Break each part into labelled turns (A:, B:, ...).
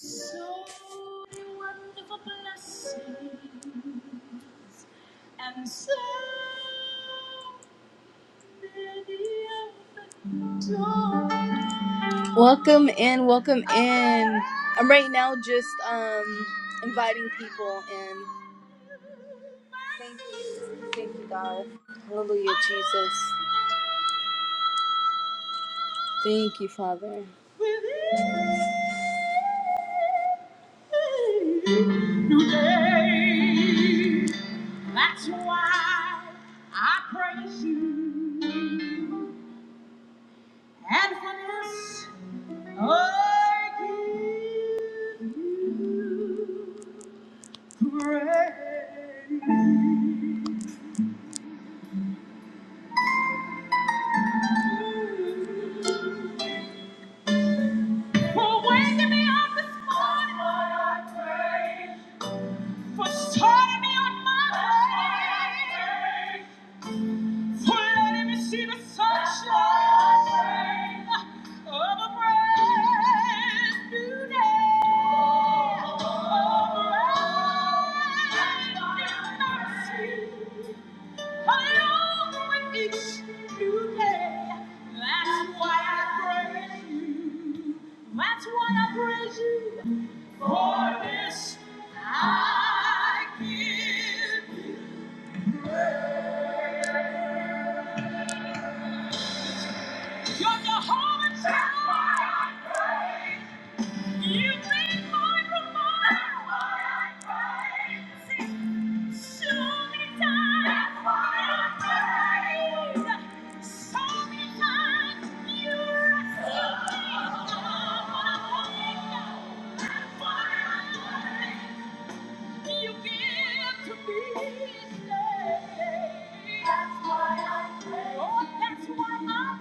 A: So wonderful blessings and so many open Welcome in, welcome in. I'm right now just um inviting people in. Thank you. Thank you, God. Hallelujah, Jesus. Thank you, Father. New day. That's why I praise you. And for this, I give you praise. For waking me up this morning. For starting me on my way. For letting me see the sunshine of a brand new day. Of a brand new mercy. Along with each new day. That's why I praise you. That's why I praise you. For this I give you praise. You're the heart of my praise. You bring my remorse. Show me time. That's why I praise. You've me. time. You rescue me. That's why I praise. been my provider. That's why I praise. Oh, That's why I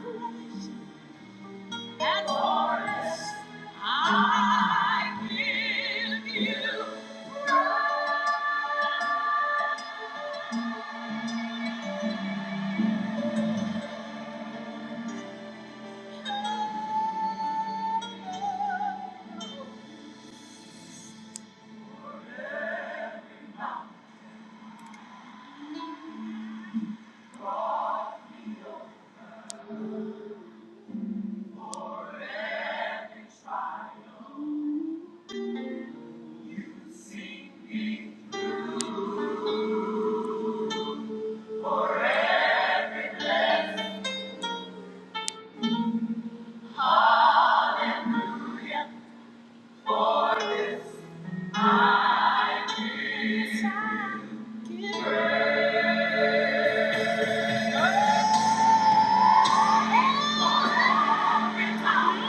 A: praise and chorus. I give you for every trial. Sing it for this and this I give you praise. For every trial.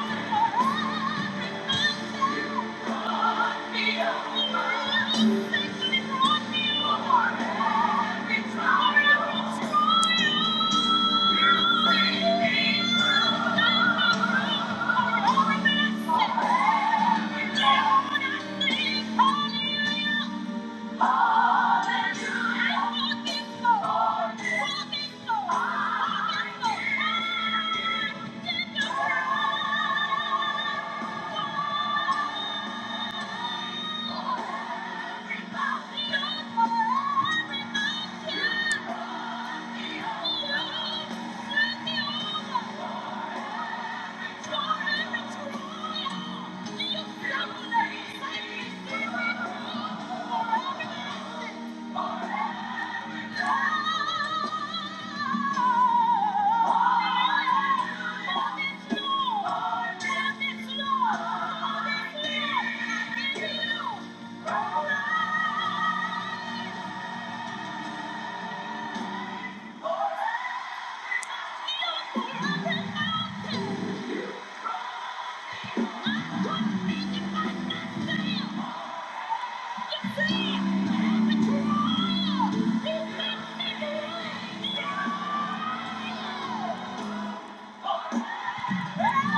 A: You brought me over. You brought me over. For every trial. Yeah. Oh! Hallelujah.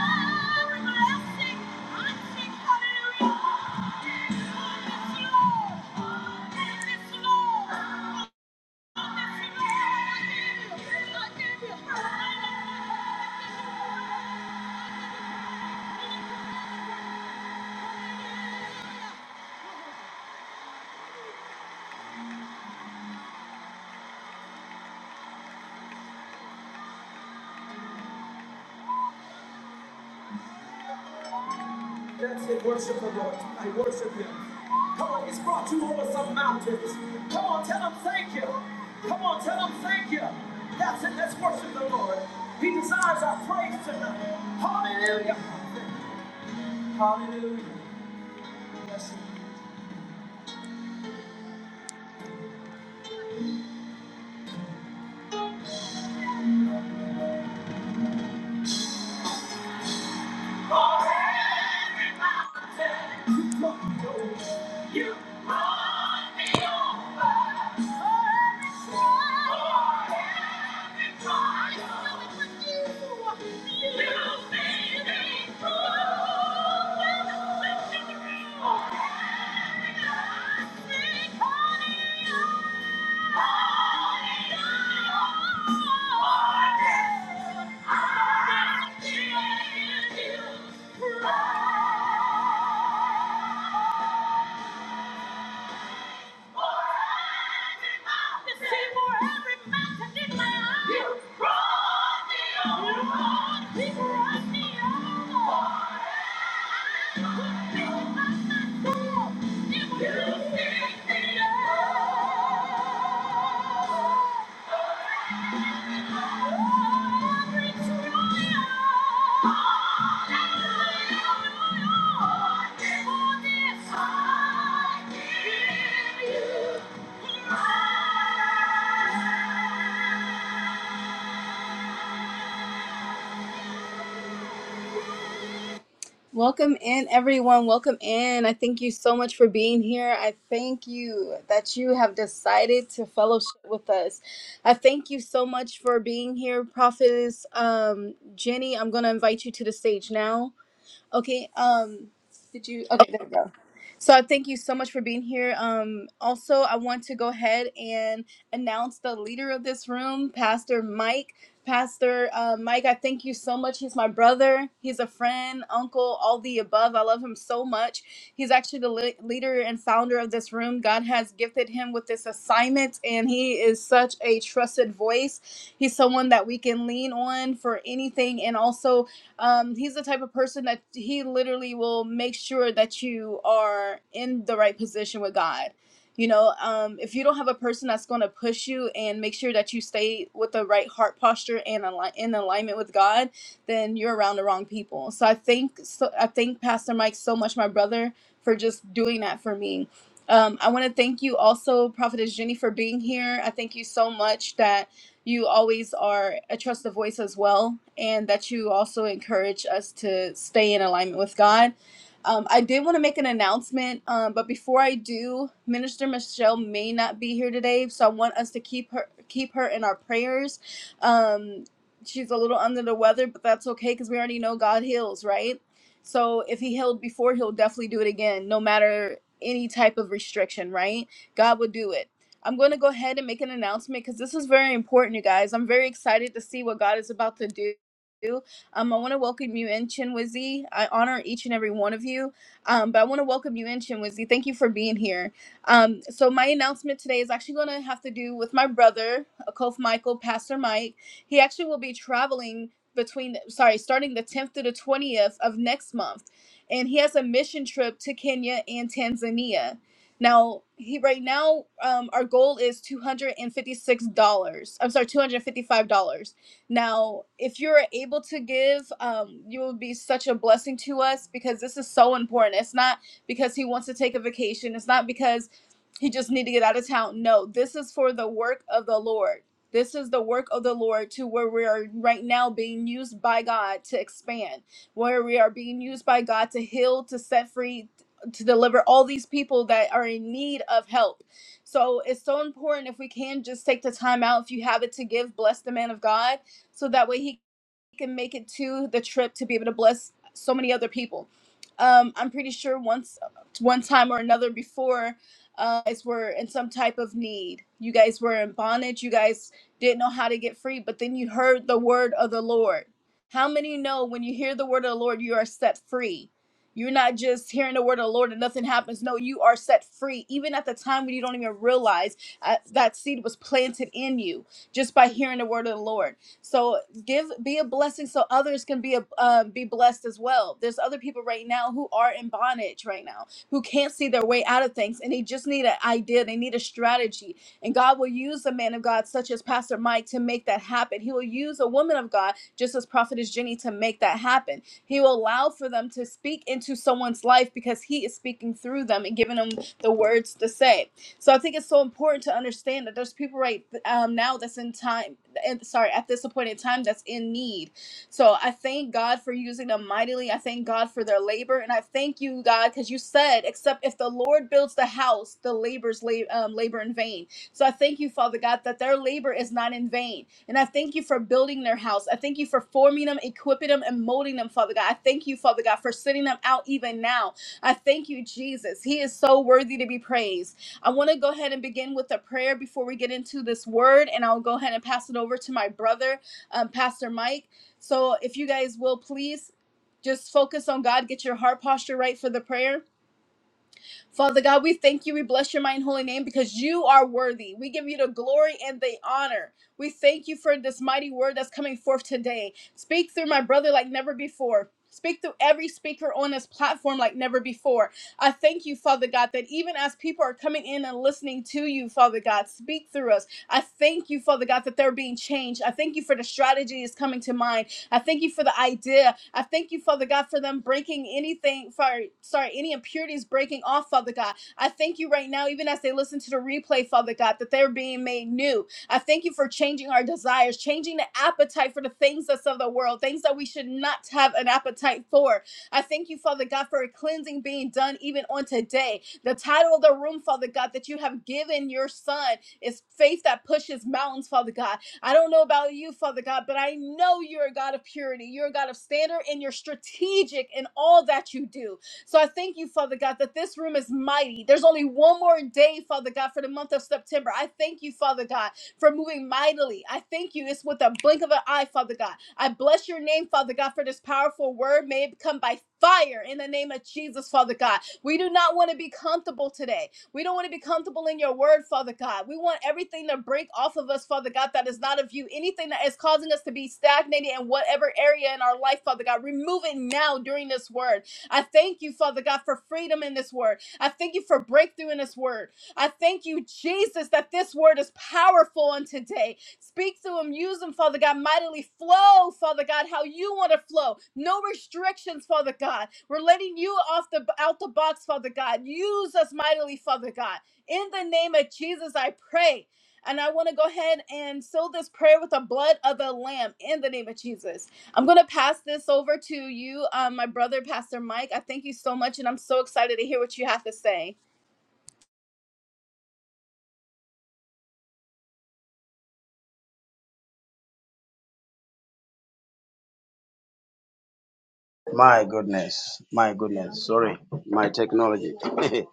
A: Let's say worship the Lord. I worship Him. Come on, He's brought you over some mountains. Come on, tell Him thank you. Come on, tell Him thank you. That's it. Let's worship the Lord. He desires our praise tonight. Hallelujah. Hallelujah. Bless Him. Oh! You pick me Yeah. Welcome in, everyone. Welcome in. I thank you so much for being here. I thank you that you have decided to fellowship with us. I thank you so much for being here, Prophetess um, Jenny. I'm going to invite you to the stage now. Okay. Um, did you? Okay, there we go. So I thank you so much for being here. Um, also, I want to go ahead and announce the leader of this room, Pastor Mike. Pastor uh, Mike, I thank you so much. He's my brother. He's a friend, uncle, all the above. I love him so much. He's actually the le- leader and founder of this room. God has gifted him with this assignment, and he is such a trusted voice. He's someone that we can lean on for anything, and also um, he's the type of person that he literally will make sure that you are in the right position with God. You know, um, if you don't have a person that's going to push you and make sure that you stay with the right heart posture and ali- in alignment with God, then you're around the wrong people. So I thank so, I thank Pastor Mike so much, my brother, for just doing that for me. Um, I want to thank you also, Prophetess Jenny, for being here. I thank you so much that you always are a trusted voice as well, and that you also encourage us to stay in alignment with God. Um, I did want to make an announcement, um, but before I do, Minister Michelle may not be here today, so I want us to keep her keep her in our prayers. Um, she's a little under the weather, but that's okay because we already know God heals, right? So if He healed before, He'll definitely do it again, no matter any type of restriction, right? God will do it. I'm going to go ahead and make an announcement because this is very important, you guys. I'm very excited to see what God is about to do. Um, I want to welcome you in, Chinwizi. I honor each and every one of you, um, but I want to welcome you in, Chinwizi. Thank you for being here. Um, so my announcement today is actually going to have to do with my brother, Akof Michael, Pastor Mike. He actually will be traveling between, sorry, starting the 10th to the 20th of next month, and he has a mission trip to Kenya and Tanzania. Now, he right now, um, our goal is two hundred and fifty six dollars. I'm sorry, two hundred fifty five dollars. Now, if you're able to give, um, you will be such a blessing to us because this is so important. It's not because he wants to take a vacation. It's not because he just need to get out of town. No, this is for the work of the Lord. This is the work of the Lord to where we are right now being used by God to expand, where we are being used by God to heal, to set free, to deliver all these people that are in need of help. So it's so important if we can just take the time out. If you have it to give, bless the man of God, so that way he can make it to the trip to be able to bless so many other people. Um, I'm pretty sure once, one time or another before, uh, you guys were in some type of need. You guys were in bondage. You guys didn't know how to get free, but then you heard the word of the Lord. How many know when you hear the word of the Lord, you are set free? You're not just hearing the word of the Lord and nothing happens. No, you are set free. Even at the time when you don't even realize uh, that seed was planted in you just by hearing the word of the Lord. So give be a blessing so others can be a, um, be blessed as well there's other people right now who are in bondage right now who can't see their way out of things and they just need an idea they need a strategy and god will use a man of god such as pastor mike to make that happen he will use a woman of god just as prophetess jenny to make that happen he will allow for them to speak into someone's life because he is speaking through them and giving them the words to say so i think it's so important to understand that there's people right um, now that's in time and sorry at this appointed time that's in need so i thank god for using them mightily i thank god for their labor and i thank you god because you said except if the lord builds the house the labor's la- um, labor in vain so i thank you father god that their labor is not in vain and i thank you for building their house i thank you for forming them equipping them and molding them father god i thank you father god for sending them out even now i thank you jesus he is so worthy to be praised I want to go ahead and begin with a prayer before we get into this word, and I'll go ahead and pass it over to my brother, um, Pastor Mike. So if you guys will please just focus on God, get your heart posture right for the prayer. Father God, we thank you. We bless your mighty and holy name because you are worthy. We give you the glory and the honor. We thank you for this mighty word that's coming forth today. Speak through my brother like never before. Speak through every speaker on this platform like never before. I thank you, Father God, that even as people are coming in and listening to you, Father God, speak through us. I thank you, Father God, that they're being changed. I thank you for the strategy is coming to mind. I thank you for the idea. I thank you, Father God, for them breaking anything, for sorry, any impurities breaking off, Father God. I thank you right now, even as they listen to the replay, Father God, that they're being made new. I thank you for changing our desires, changing the appetite for the things that's of the world, things that we should not have an appetite for. I thank you, Father God, for a cleansing being done even on today. The title of the room, Father God, that you have given your son is Faith That Pushes Mountains, Father God. I don't know about you, Father God, but I know you're a God of purity. You're a God of standard and you're strategic in all that you do. So I thank you, Father God, that this room is mighty. There's only one more day, Father God, for the month of September. I thank you, Father God, for moving mightily. I thank you. It's with a blink of an eye, Father God. I bless your name, Father God, for this powerful word. May it come by fire in the name of Jesus, Father God. We do not want to be comfortable today. We don't want to be comfortable in your word, Father God. We want everything to break off of us, Father God, that is not of you. Anything that is causing us to be stagnated in whatever area in our life, Father God, remove it now during this word. I thank you, Father God, for freedom in this word. I thank you for breakthrough in this word. I thank you, Jesus, that this word is powerful on today. Speak to them, use them, Father God, mightily. Flow, Father God, how you want to flow. No restrictions, Father God. We're letting you off the out the box, Father God. Use us mightily, Father God. In the name of Jesus, I pray. And I want to go ahead and seal this prayer with the blood of the Lamb in the name of Jesus. I'm going to pass this over to you, um, my brother, Pastor Mike. I thank you so much, and I'm so excited to hear what you have to say.
B: My goodness, my goodness. Sorry, my technology.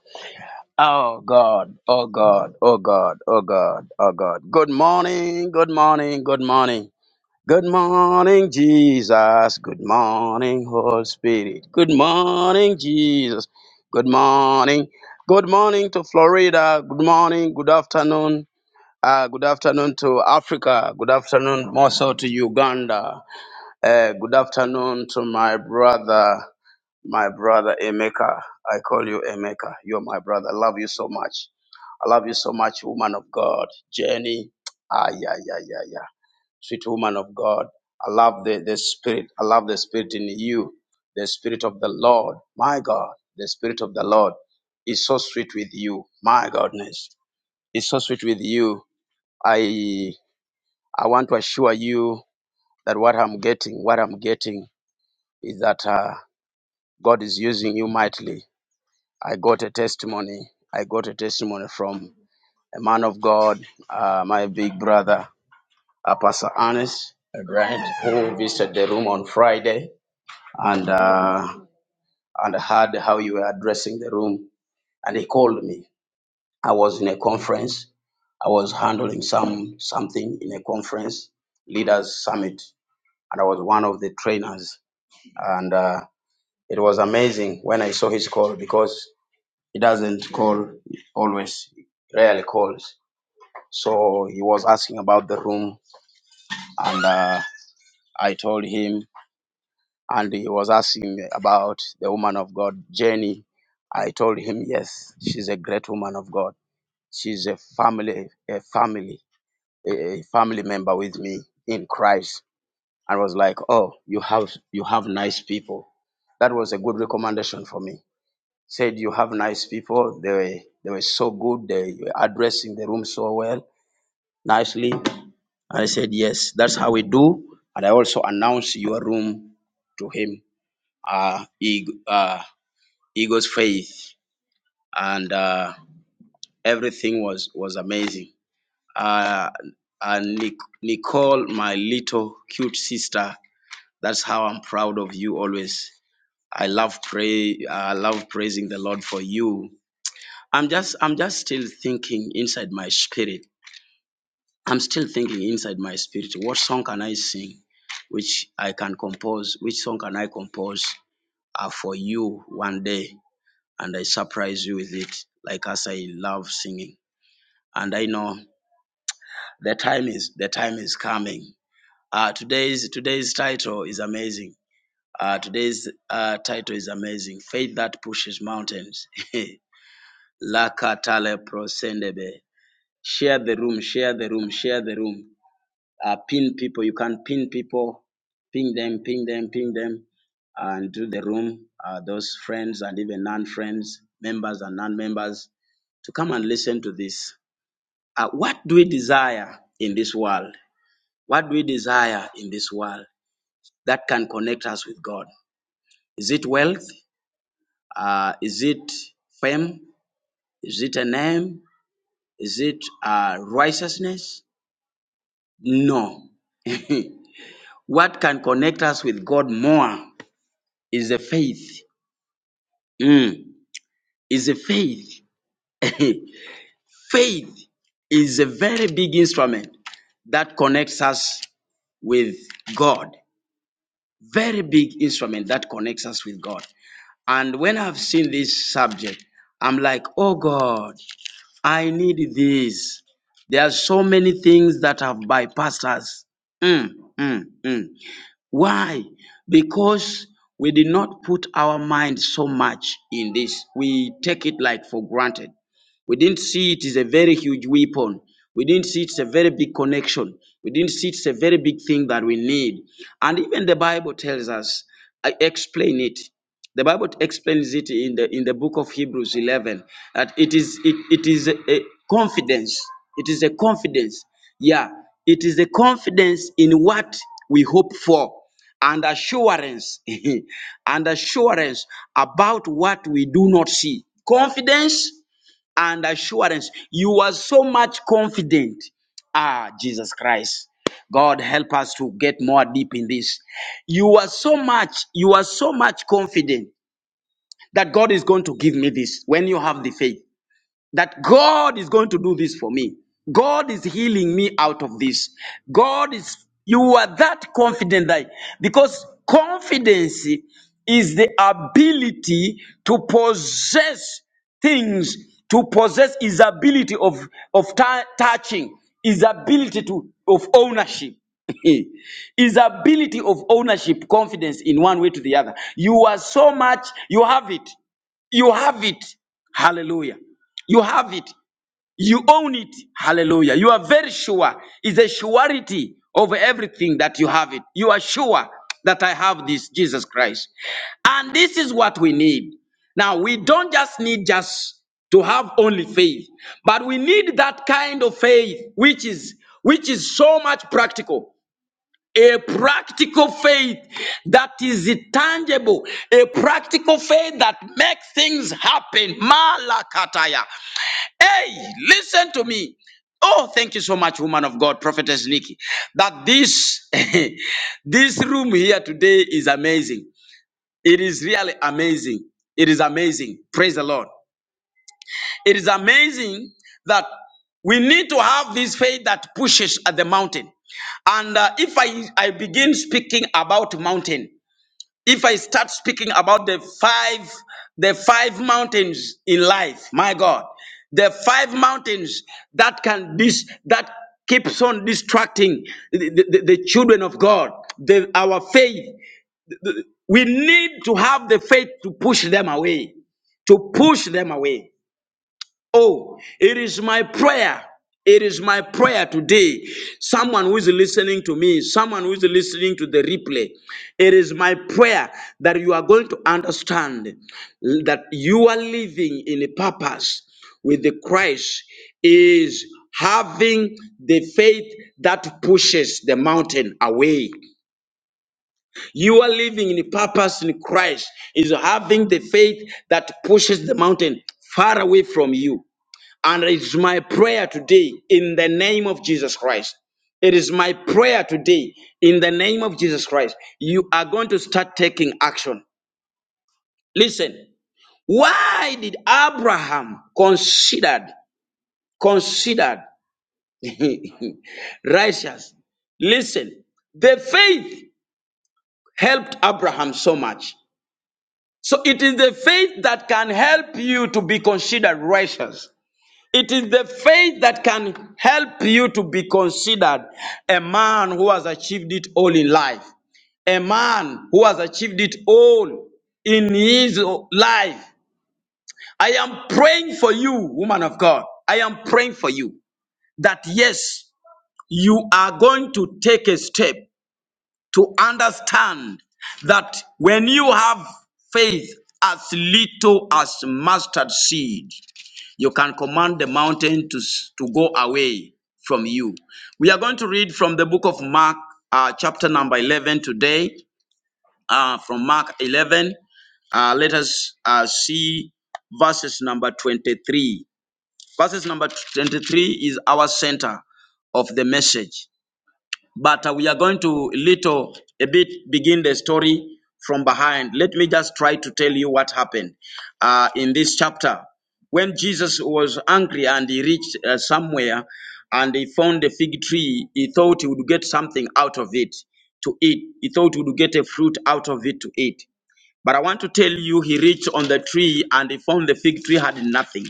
B: oh God, oh God, oh God, oh God, oh God. Good morning, good morning, good morning. Good morning, Jesus. Good morning, Holy Spirit. Good morning, Jesus. Good morning. Good morning to Florida. Good morning, good afternoon. Uh, good afternoon to Africa. Good afternoon more so to Uganda. Uh, good afternoon to my brother. My brother Emeka, I call you Emeka. You're my brother. I love you so much. I love you so much, woman of God. Jenny, ah, yeah, yeah, yeah, yeah. Sweet woman of God. I love the, the spirit. I love the spirit in you. The spirit of the Lord. My God, the spirit of the Lord is so sweet with you. My goodness, it's so sweet with you. I, I want to assure you that what I'm getting, what I'm getting is that uh, God is using you mightily. I got a testimony. I got a testimony from a man of God, uh, my big brother, uh, Pastor Ernest Grant, who visited the room on Friday and uh, and heard how you were addressing the room. And he called me. I was in a conference. I was handling some something in a conference, leaders summit, and I was one of the trainers. And uh, it was amazing when I saw his call because He doesn't call always, rarely calls. So he was asking about the room, and uh, I told him, and he was asking about the woman of God, Jenny. I told him, yes, she's a great woman of God. She's a family, a family, a family member with me in Christ. And was like, oh, you have you have nice people. That was a good recommendation for me said you have nice people. They were they were so good. They were addressing the room so well, nicely. I said yes, that's how we do. And I also announced your room to him. Uh, he, uh, Eagle's faith and uh, everything was was amazing. Uh, and Nic- Nicole, my little cute sister, that's how I'm proud of you always. I love pray. I love praising the Lord for you I'm just I'm just still thinking inside my spirit. I'm still thinking inside my spirit. What song can I sing, which I can compose? Which song can I compose uh, for you one day, and I surprise you with it, like as I love singing, and I know the time is the time is coming. Uh, today's today's title is amazing. Uh, today's uh, title is amazing. Faith that pushes mountains. Lakatale prosendebe. Share the room, share the room, share the room. Uh, pin people. You can pin people, ping them, ping them, ping them, and do the room. Uh, those friends and even non friends, members and non members, to come and listen to this. Uh, what do we desire in this world? What do we desire in this world that can connect us with God? Is it wealth? Uh, is it fame? Is it a name? Is it uh, righteousness? No. What can connect us with God more is the faith. Mm, is the faith. faith is a very big instrument that connects us with God. Very big instrument that connects us with God. And when I've seen this subject, I'm like, oh God, I need this. There are so many things that have bypassed us. Mm, mm, mm. Why? Because we did not put our mind so much in this. We take it like for granted. We didn't see it is a very huge weapon. We didn't see it's a very big connection. We didn't see it's a very big thing that we need. And even the Bible tells us, I explain it. The Bible explains it in the in the book of Hebrews 11 that it is it, it is a confidence. It is a confidence. Yeah, it is a confidence in what we hope for and assurance and assurance about what we do not see. Confidence and assurance. You are so much confident. Ah, Jesus Christ. God help us to get more deep in this. You are so much, you are so much confident that God is going to give me this when you have the faith that God is going to do this for me. God is healing me out of this. God is, you are that confident that, because confidence is the ability to possess things, to possess his ability of, of tou- touching, his ability to, of ownership. his ability of ownership confidence in one way to the other you are so much you have it you have it. Hallelujah. You have it. You own it. Hallelujah. You are very sure. It's a surety over everything that you have it. You are sure that I have this, Jesus Christ. And this is what we need. Now, we don't just need just to have only faith, but we need that kind of faith which is which is so much practical a practical faith that is tangible, a practical faith that makes things happen. Malakataya. Hey, listen to me. Oh, thank you so much, woman of God, prophetess Nikki. That this this room here today is amazing. It is really amazing. It is amazing. Praise the Lord. It is amazing that we need to have this faith that pushes at the mountain. And uh, if I, I begin speaking about mountain, if I start speaking about the five the five mountains in life, my God, the five mountains that can dis that keeps on distracting the, the, the children of God, the, our faith. We need to have the faith to push them away to push them away. Oh, it is my prayer. It is my prayer today. Someone who is listening to me, someone who is listening to the replay, it is my prayer that you are going to understand that you are living in a purpose with the Christ is having the faith that pushes the mountain away. You are living in a purpose in Christ is having the faith that pushes the mountain far away from you. And it's my prayer today in the name of Jesus Christ. It is my prayer today in the name of Jesus Christ. You are going to start taking action. Listen, why did Abraham considered considered righteous? Listen, the faith helped Abraham so much. So it is the faith that can help you to be considered righteous. It is the faith that can help you to be considered a man who has achieved it all in life, a man who has achieved it all in his life. I am praying for you, woman of God. I am praying for you that yes, you are going to take a step to understand that when you have faith as little as mustard seed, you can command the mountain to, s- to go away from you. We are going to read from the book of Mark, uh, chapter number 11 today, uh, from Mark 11. Uh, let us uh, see verses number 23. Verses number 23 is our center of the message but uh, we are going to little a bit begin the story from behind. Let me just try to tell you what happened uh, in this chapter. When Jesus was angry and he reached uh, somewhere and he found a fig tree, he thought he would get something out of it to eat. He thought he would get a fruit out of it to eat. But I want to tell you, he reached on the tree and he found the fig tree had nothing.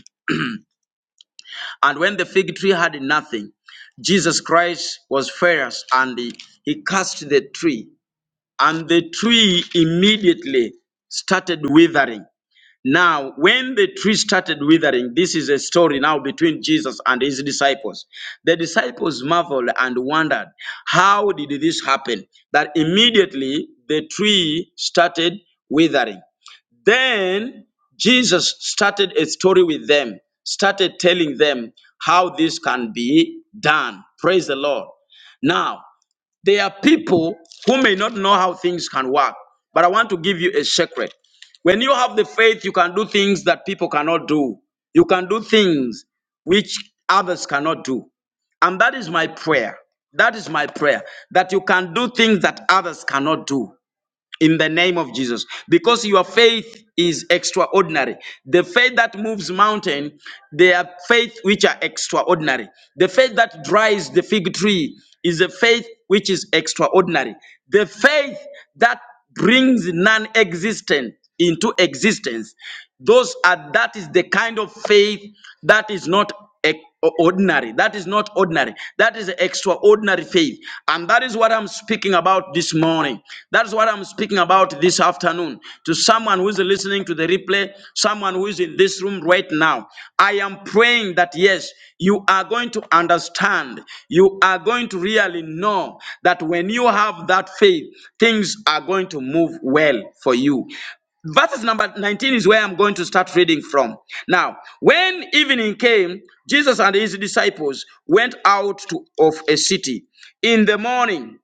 B: And when the fig tree had nothing, Jesus Christ was furious and he he cursed the tree. And the tree immediately started withering. Now, when the tree started withering, this is a story now between Jesus and his disciples. The disciples marveled and wondered, how did this happen? That immediately the tree started withering. Then Jesus started a story with them, started telling them how this can be done. Praise the Lord. Now, there are people who may not know how things can work, but I want to give you a secret. When you have the faith, you can do things that people cannot do, you can do things which others cannot do. And that is my prayer. That is my prayer that you can do things that others cannot do in the name of Jesus because your faith is extraordinary. The faith that moves mountain, they are faith which are extraordinary. The faith that dries the fig tree is a faith which is extraordinary. The faith that brings non-existent into existence. Those are that is the kind of faith that is not ec- ordinary. That is not ordinary. That is extraordinary faith. And that is what I'm speaking about this morning. That's what I'm speaking about this afternoon to someone who is listening to the replay, someone who is in this room right now. I am praying that yes, you are going to understand. You are going to really know that when you have that faith, things are going to move well for you verses number 19 is where I'm going to start reading from. Now, when evening came, Jesus and his disciples went out to, of a city. In the morning,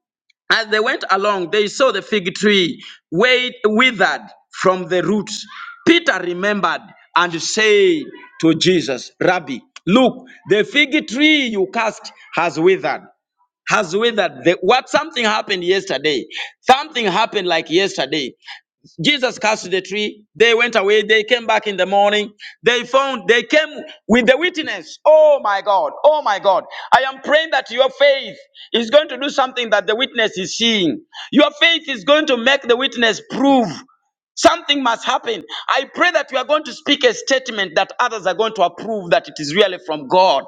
B: as they went along, they saw the fig tree wait, withered from the roots. Peter remembered and said to Jesus, Rabbi, look, the fig tree you cast has withered has withered. The, what something happened yesterday? Something happened like yesterday. Jesus cast the tree. They went away. They came back in the morning. They found, they came with the witness. Oh my God. Oh my God. I am praying that your faith is going to do something that the witness is seeing. Your faith is going to make the witness prove something must happen. I pray that you are going to speak a statement that others are going to approve that it is really from God.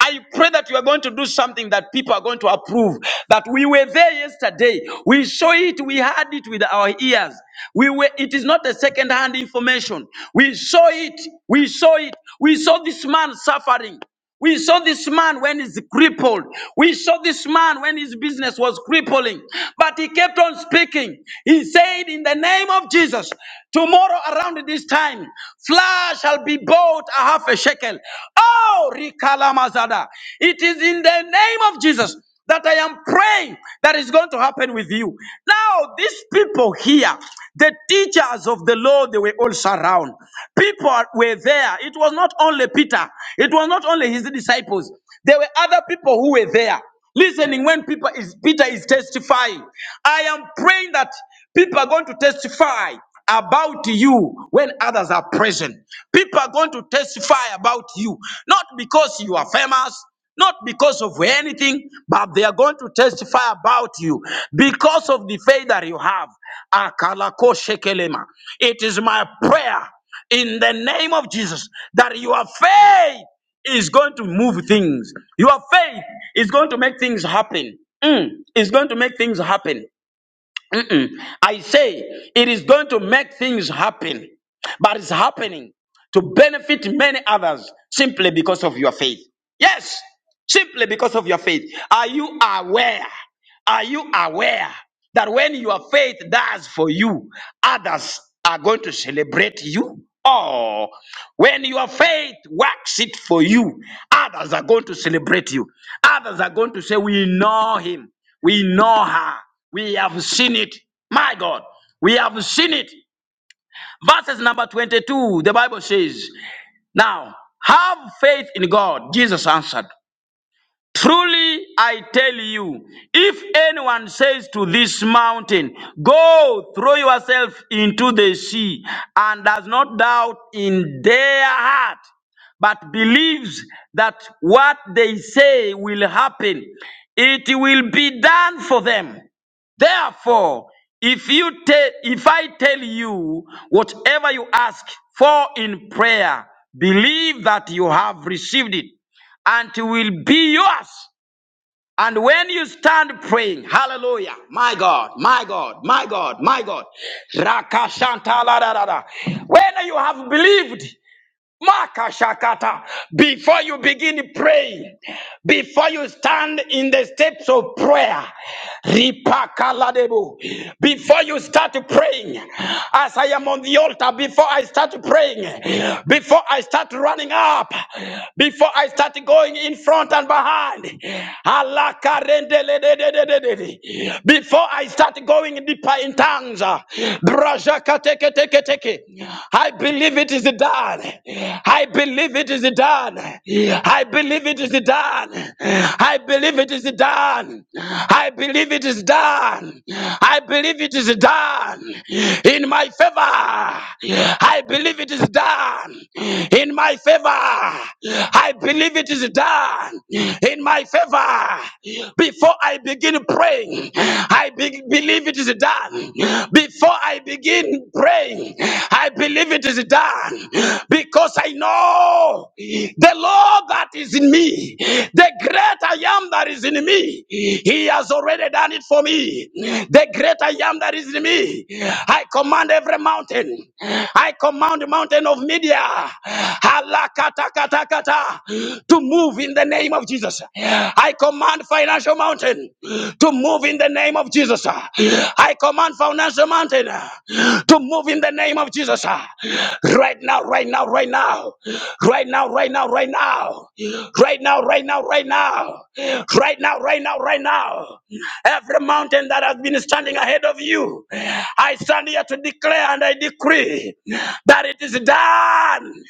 B: I pray that you are going to do something that people are going to approve. That we were there yesterday. We saw it. We had it with our ears. We were. It is not a second-hand information. We saw it. We saw it. We saw this man suffering. We saw this man when he's crippled. We saw this man when his business was crippling. But he kept on speaking. He said, In the name of Jesus, tomorrow around this time, flour shall be bought a half a shekel. Oh. Oh, Rikalamazada. It is in the name of Jesus that I am praying that is going to happen with you. Now, these people here, the teachers of the law, they were all surrounded. People were there. It was not only Peter, it was not only his disciples. There were other people who were there listening when people is, Peter is testifying. I am praying that people are going to testify about you when others are present. People are going to testify about you, not because you are famous, not because of anything, but they are going to testify about you because of the faith that you have. Akalako shekelema. It is my prayer in the name of Jesus that your faith is going to move things. Your faith is going to make things happen. Mm, it's going to make things happen. Mm-mm. I say it is going to make things happen, but it's happening to benefit many others simply because of your faith. Yes, simply because of your faith. Are you aware? Are you aware that when your faith does for you, others are going to celebrate you? Oh, when your faith works it for you, others are going to celebrate you. Others are going to say, We know him, we know her, we have seen it. My God, we have seen it. Verses number 22, the Bible says, Now have faith in God, Jesus answered. Truly I tell you, if anyone says to this mountain, Go throw yourself into the sea, and does not doubt in their heart, but believes that what they say will happen, it will be done for them. Therefore, if you tell, if I tell you whatever you ask for in prayer, believe that you have received it and it will be yours. And when you stand praying, hallelujah, my God, my God, my God, my God, Rakashanta la da da da. When you have believed, Makashakata. Before you begin praying, before you stand in the steps of prayer, ripakaladebo. before you start praying, as I am on the altar, before I start praying, before I start running up, before I start going in front and behind, alakarendelededededede. before I start going deeper in tongues. Brashakateketeketeke. I believe it is done. I believe it is done. I believe it is done. I believe it is done. I believe it is done. I believe it is done in my favor. I believe it is done in my favor. I believe it is done in my favor. Before I begin praying, I be- believe it is done. Before I begin praying, I believe it is done because I know the Lord that is in me, the great I am that is in me. He has already done it for me. The great I am that is in me. I command every mountain. I command the mountain of media halakatakata, to move in the name of Jesus. I command financial mountain to move in the name of Jesus. I command financial mountain to move in the name of Jesus. Right now, right now, right now, right now, right now, right now, right now, right now, right now, right now, right now, right now. Every mountain that has been standing ahead of you, I stand here to declare and I decree that it is done.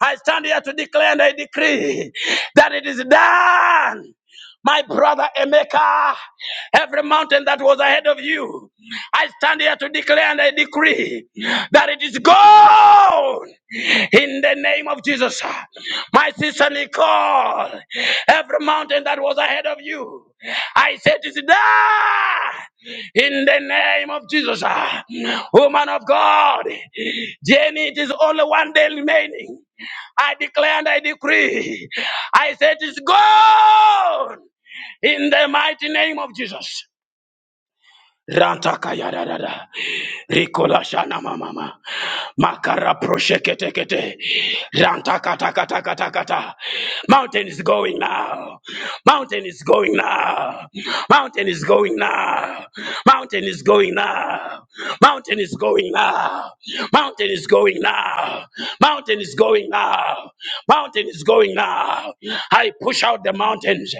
B: I stand here to declare and I decree that it is done. My brother Emeka, every mountain that was ahead of you, I stand here to declare and I decree that it is gone in the name of Jesus. My sister Nicole, every mountain that was ahead of you, I said it is done in the name of Jesus. Woman of God, Jenny, it is only one day remaining. I declare and I decree. I said it's gone in the mighty name of Jesus. Rantakayadadada. Rikola shana mama. Makara prosheketekete. Rantakatakatakata. Mountain is going now. Mountain is going now. Mountain is going now. Mountain is going now. Mountain is going now. Mountain is going now. Mountain is going now. Mountain is going now. I push out the mountains.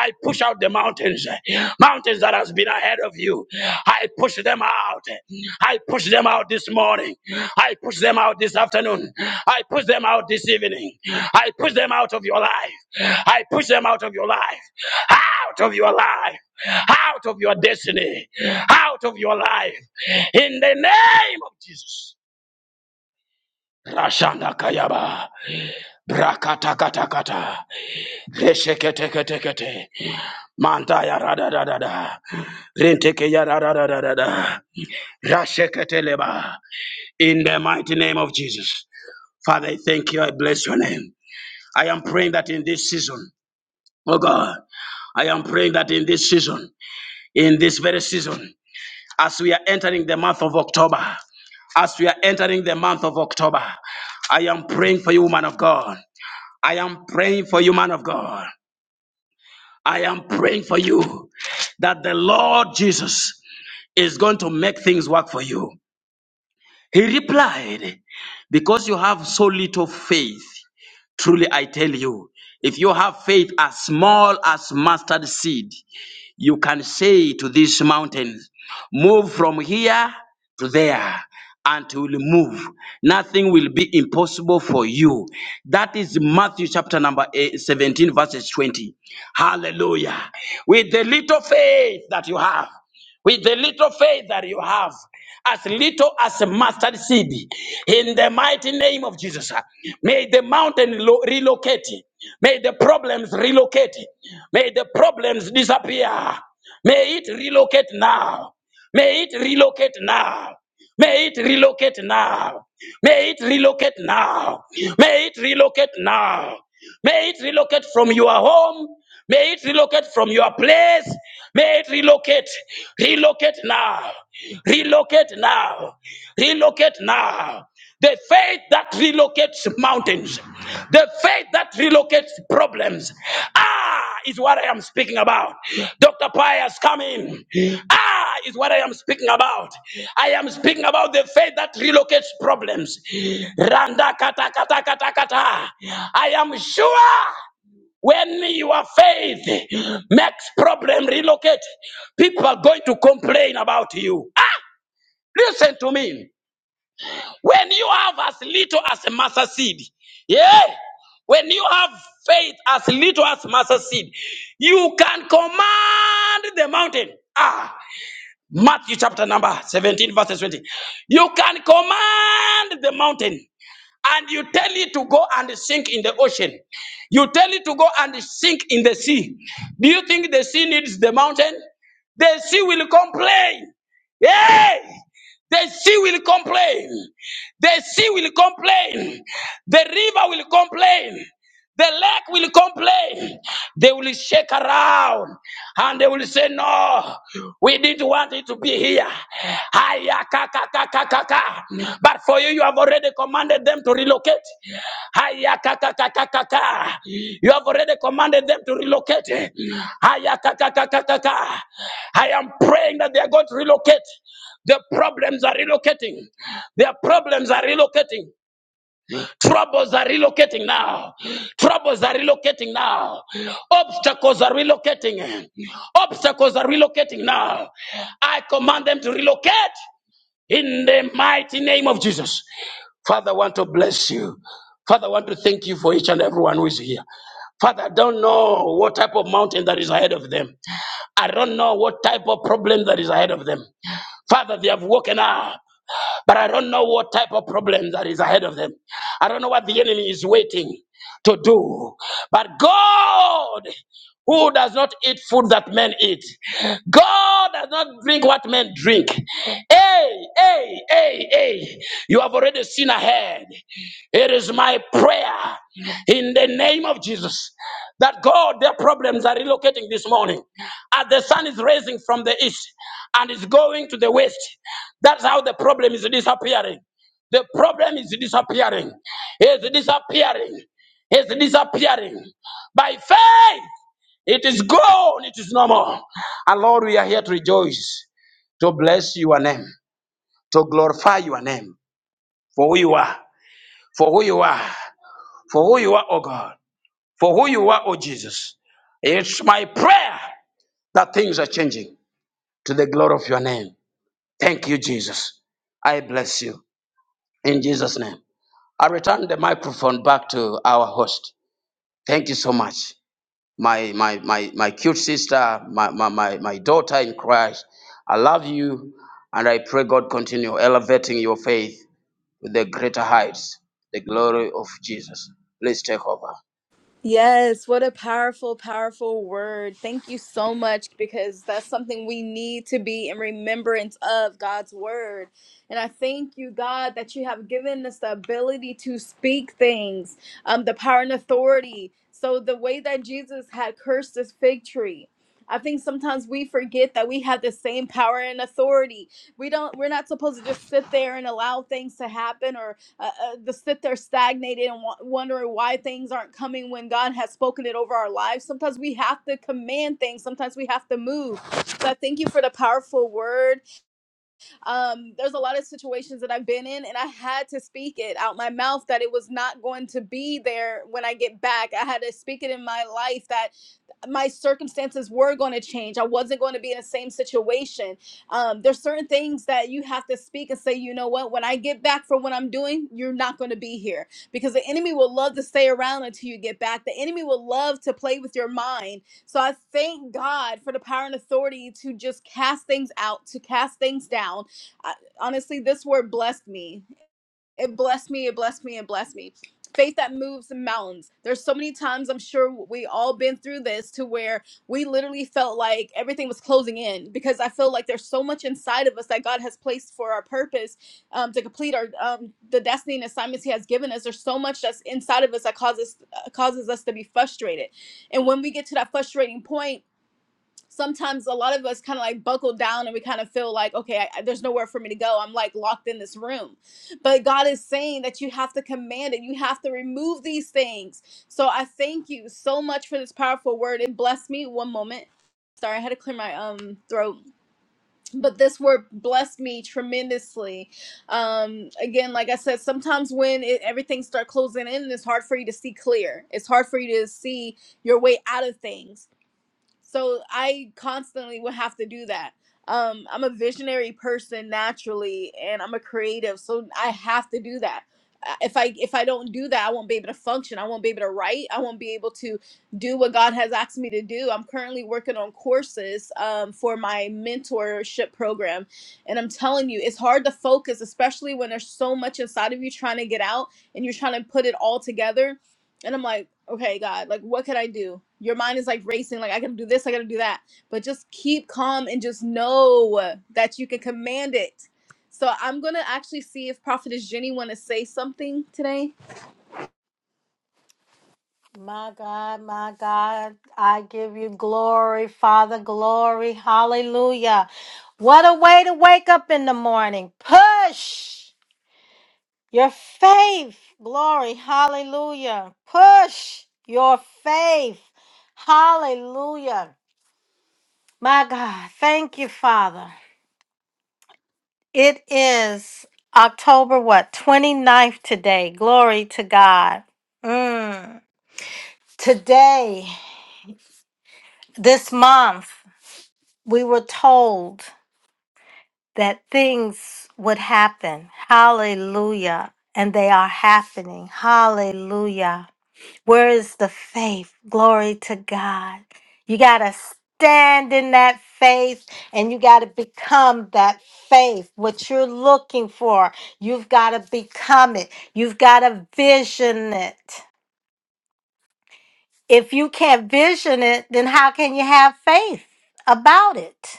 B: I push out the mountains, mountains that has been ahead of you. I push them out. I push them out this morning. I push them out this afternoon. I push them out this evening. I push them out of your life. I push them out of your life. Out of your life. Out of your destiny. Out of your life. In the name of Jesus. Rashanda Kayaba. Brakatakata. Resheketekete. Mantaya rada da da da. Renteke ya rada da da da da. Rasheketeleba. In the mighty name of Jesus. Father, I thank you. I bless your name. I am praying that in this season, oh God, I am praying that in this season, in this very season, as we are entering the month of October, as we are entering the month of October, I am praying for you, man of God. I am praying for you, man of God. I am praying for you that the Lord Jesus is going to make things work for you. He replied, Because you have so little faith, truly I tell you, if you have faith as small as mustard seed, you can say to this mountain, Move from here to there, and it will move. Nothing will be impossible for you. That is Matthew chapter number eh, 17, verses 20. Hallelujah. With the little faith that you have with the little faith that you have, as little as a mustard seed, in the mighty name of Jesus. May the mountain lo- relocate. May the problems relocate. May the problems disappear. May it relocate now. May it relocate now. May it relocate now. May it relocate now. May it relocate now. May it relocate from your home. May it relocate from your place. May it relocate. Relocate now. Relocate now. Relocate now. The faith that relocates mountains, the faith that relocates problems. Ah, is what I am speaking about. Dr. Pius, come in. Ah, is what I am speaking about. I am speaking about the faith that relocates problems. Randa kata kata kata kata. I am sure when your faith makes problem relocate, people are going to complain about you. Ah, listen to me. When you have as little as a mustard seed, yeah. When you have faith as little as mustard seed, you can command the mountain. Ah, Matthew chapter number 17, verse 20. You can command the mountain and you tell it to go and sink in the ocean. You tell it to go and sink in the sea. Do you think the sea needs the mountain? The sea will complain. Hey! The sea will complain. The sea will complain. The river will complain. The lake will complain. They will shake around and they will say, No, we didn't want it to be here. Hiya, ka, ka, ka, ka, ka, ka. But for you, you have already commanded them to relocate. Hiya, ka, ka, ka, ka, ka, ka. You have already commanded them to relocate. Hiya, ka, ka, ka, ka, ka, ka. I am praying that they are going to relocate. Their problems are relocating. Their problems are relocating. Troubles are relocating now. Troubles are relocating now. Obstacles are relocating. Obstacles are relocating now. I command them to relocate in the mighty name of Jesus. Father, I want to bless you. Father, I want to thank you for each and everyone who is here. Father, I don't know what type of mountain that is ahead of them. I don't know what type of problem that is ahead of them. Father, they have woken up. But I don't know what type of problems that is ahead of them. I don't know what the enemy is waiting to do. But God, who does not eat food that men eat, God does not drink what men drink. Hey, hey, hey, hey, you have already seen ahead. It is my prayer in the name of Jesus that God, their problems are relocating this morning. As the sun is rising from the east and is going to the west, that's how the problem is disappearing. The problem is disappearing. It's disappearing. It's disappearing. By faith, it is gone. It is no more. And Lord, we are here to rejoice, to bless your name, to glorify your name for who you are, for who you are, for who you are, oh God, for who you are, oh Jesus. It's my prayer that things are changing to the glory of your name. Thank you, Jesus. I bless you in Jesus' name. I return the microphone back to our host. Thank you so much. My my my my cute sister, my my my, my daughter in Christ. I love you and I pray God continue elevating your faith with the greater heights, the glory of Jesus. Please take over.
A: Yes, what a powerful, powerful word. Thank you so much because that's something we need to be in remembrance of God's word. And I thank you, God, that you have given us the ability to speak things, um, the power and authority. So, the way that Jesus had cursed this fig tree. I think sometimes we forget that we have the same power and authority. We don't we're not supposed to just sit there and allow things to happen or uh, uh, sit there stagnated and wa- wondering why things aren't coming when God has spoken it over our lives. Sometimes we have to command things. Sometimes we have to move. So I thank you for the powerful word. Um, there's a lot of situations that I've been in, and I had to speak it out my mouth that it was not going to be there when I get back. I had to speak it in my life that my circumstances were going to change. I wasn't going to be in the same situation. Um, there's certain things that you have to speak and say, you know what, when I get back from what I'm doing, you're not going to be here because the enemy will love to stay around until you get back. The enemy will love to play with your mind. So I thank God for the power and authority to just cast things out, to cast things down. I, honestly, this word blessed me it blessed me it blessed me it blessed me faith that moves the mountains there's so many times i'm sure we all been through this to where we literally felt like everything was closing in because i feel like there's so much inside of us that god has placed for our purpose um, to complete our um, the destiny and assignments he has given us there's so much that's inside of us that causes uh, causes us to be frustrated and when we get to that frustrating point sometimes a lot of us kind of like buckle down and we kind of feel like okay I, there's nowhere for me to go i'm like locked in this room but god is saying that you have to command it you have to remove these things so i thank you so much for this powerful word and bless me one moment sorry i had to clear my um throat but this word blessed me tremendously um again like i said sometimes when it, everything start closing in it's hard for you to see clear it's hard for you to see your way out of things so I constantly would have to do that. Um, I'm a visionary person naturally, and I'm a creative, so I have to do that. Uh, If I if I don't do that, I won't be able to function. I won't be able to write. I won't be able to do what God has asked me to do. I'm currently working on courses um, for my mentorship program, and I'm telling you, it's hard to focus, especially when there's so much inside of you trying to get out, and you're trying to put it all together and I'm like, okay, God, like, what can I do? Your mind is like racing, like, I gotta do this, I gotta do that. But just keep calm and just know that you can command it. So I'm gonna actually see if Prophetess Jenny wanna say something today.
C: My God, my God, I give you glory, Father, glory. Hallelujah. What a way to wake up in the morning. Push your faith. Glory. Hallelujah. Push your faith. Hallelujah. My God, thank you, Father. It is October what? twenty ninth today. Glory to God. Mm. Today, this month. we were told that things would happen. Hallelujah. And they are happening. Hallelujah. Where is the faith? Glory to God. You got to stand in that faith and you got to become that faith. What you're looking for, you've got to become it. You've got to vision it. If you can't vision it, then how can you have faith about it?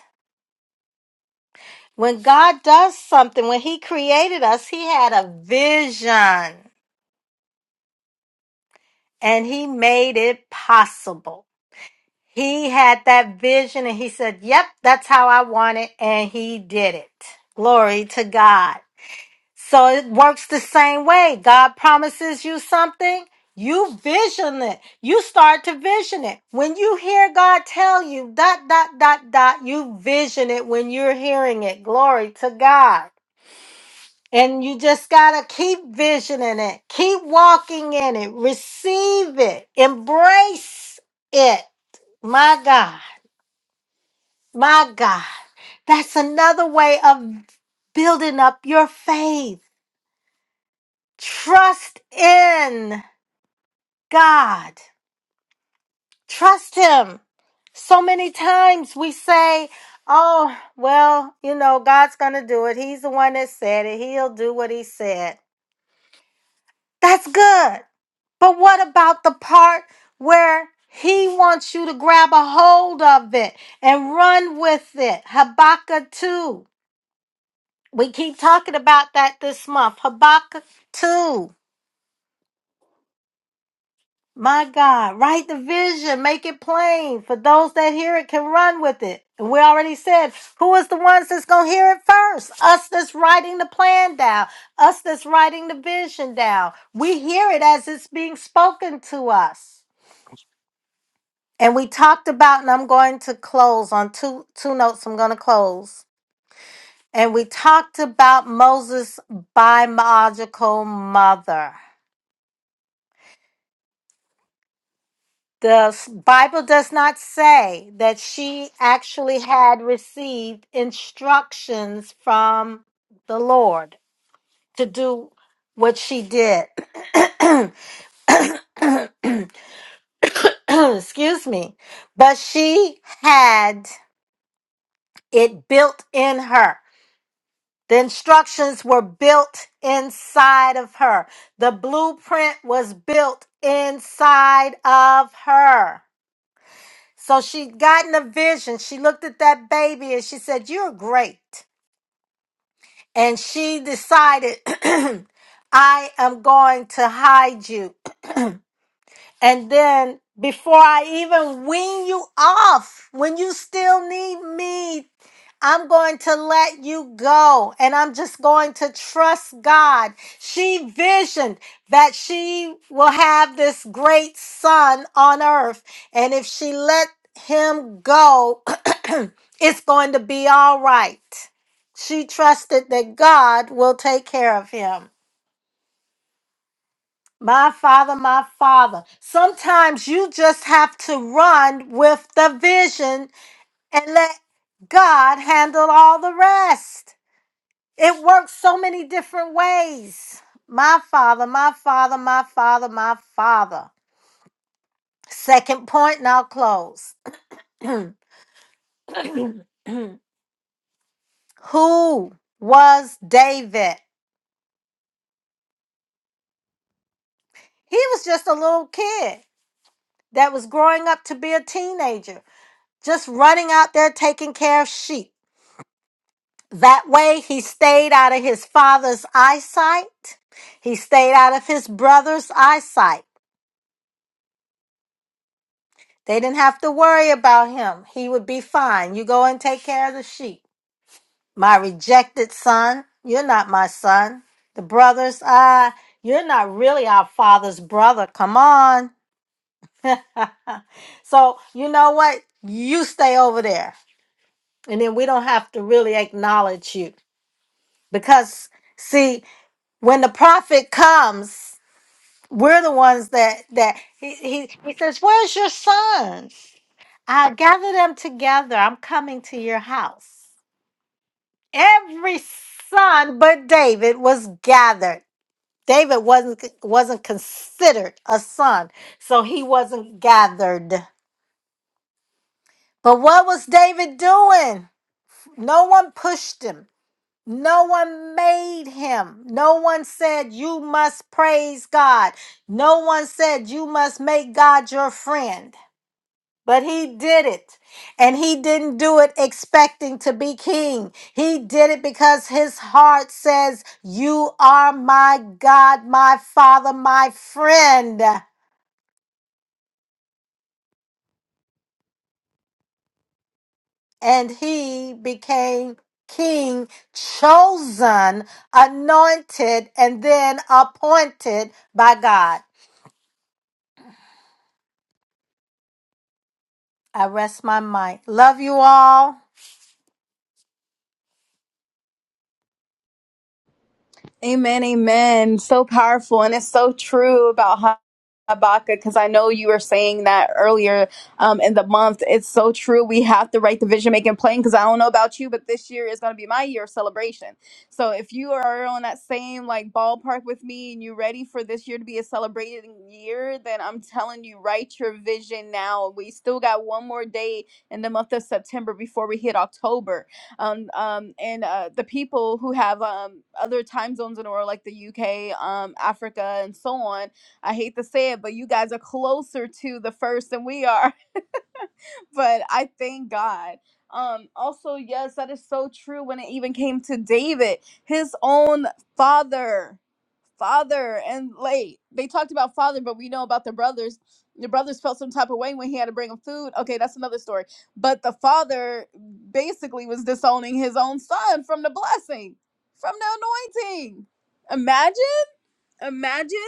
C: When God does something, when He created us, He had a vision and He made it possible. He had that vision and He said, Yep, that's how I want it. And He did it. Glory to God. So it works the same way. God promises you something. You vision it. You start to vision it. When you hear God tell you dot, dot, dot, dot, you vision it when you're hearing it. Glory to God. And you just got to keep visioning it, keep walking in it, receive it, embrace it. My God, my God. That's another way of building up your faith. Trust in God, trust Him. So many times we say, Oh, well, you know, God's going to do it. He's the one that said it. He'll do what He said. That's good. But what about the part where he wants you to grab a hold of it and run with it? Habakkuk 2. We keep talking about that this month. Habakkuk 2. My God, write the vision, make it plain for those that hear it can run with it. And we already said, who is the ones that's going to hear it first? Us that's writing the plan down, us that's writing the vision down. We hear it as it's being spoken to us. And we talked about, and I'm going to close on two two notes. I'm going to close. And we talked about Moses' biological mother. The s- Bible does not say that she actually had received instructions from the Lord to do what she did. Excuse me. But she had it built in her. The instructions were built inside of her. The blueprint was built inside of her. So she'd gotten a vision. She looked at that baby and she said, You're great. And she decided, I am going to hide you. And then before I even wean you off, when you still need me I'm going to let you go and I'm just going to trust God. She visioned that she will have this great son on earth. And if she let him go, it's going to be all right. She trusted that God will take care of him. My father, my father. Sometimes you just have to run with the vision and let God handle all the rest. It works so many different ways. My father, my father, my father, my father. Second point, now close. Who was David? He was just a little kid that was growing up to be a teenager, just running out there taking care of sheep. That way, he stayed out of his father's eyesight. He stayed out of his brother's eyesight. They didn't have to worry about him. He would be fine. You go and take care of the sheep. My rejected son, you're not my son. The brothers, ah, you're not really our father's brother. Come on. So, you know what? You stay over there. And then we don't have to really acknowledge you. Because, see, when the prophet comes, we're the ones that, that he, he, he says, Where's your sons? I gather them together. I'm coming to your house. every son but David was gathered. David wasn't wasn't considered a son, so he wasn't gathered. But what was David doing? No one pushed him. No one made him. No one said you must praise God. No one said you must make God your friend. But he did it. And he didn't do it expecting to be king. He did it because his heart says, You are my God, my Father, my friend. And he became king, chosen, anointed, and then appointed by God. I rest my mic. Love you all.
A: Amen, amen. So powerful, and it's so true about Ha- Habakkuk because I know you were saying that earlier um, in the month. It's so true. We have to write the vision, make it plain. Because I don't know about you, but this year is going to be my year of celebration. So if you are on that same like ballpark with me, and you're ready for this year to be a celebrating year, then I'm telling you, write your vision now. We still got one more day in the month of September before we hit October um, um, and uh, the people who have um, other time zones in the world, like the UK, um, Africa, and so on. I hate to say it, but you guys are closer to the first than we are. but I thank God. Um, also, yes, that is so true. When it even came to David, his own father father and late. They talked about father, but we know about the brothers. The brothers felt some type of way when he had to bring him food. Okay, that's another story. But the father basically was disowning his own son from the blessing, from the anointing. Imagine. Imagine.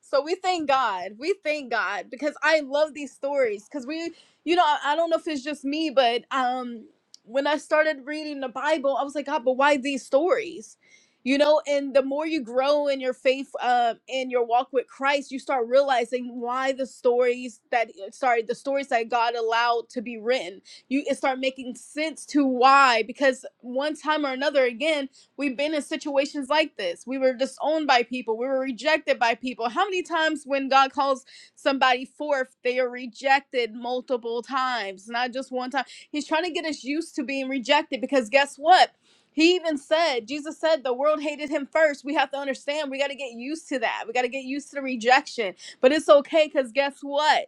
A: So we thank God. We thank God because I love these stories. Because we, you know, I I don't know if it's just me, but um, when I started reading the Bible, I was like, God, but why these stories? You know, and the more you grow in your faith, uh, in your walk with Christ, you start realizing why the stories that, uh, sorry, the stories that God allowed to be written, you it start making sense to why. Because one time or another, again, We've been in situations like this. We were disowned by people. We were rejected by people. How many times when God calls somebody forth, they are rejected multiple times, not just one time? He's trying to get us used to being rejected because guess what? He even said, Jesus said, the world hated him first. We have to understand, we got to get used to that. We got to get used to the rejection. But it's okay because guess what?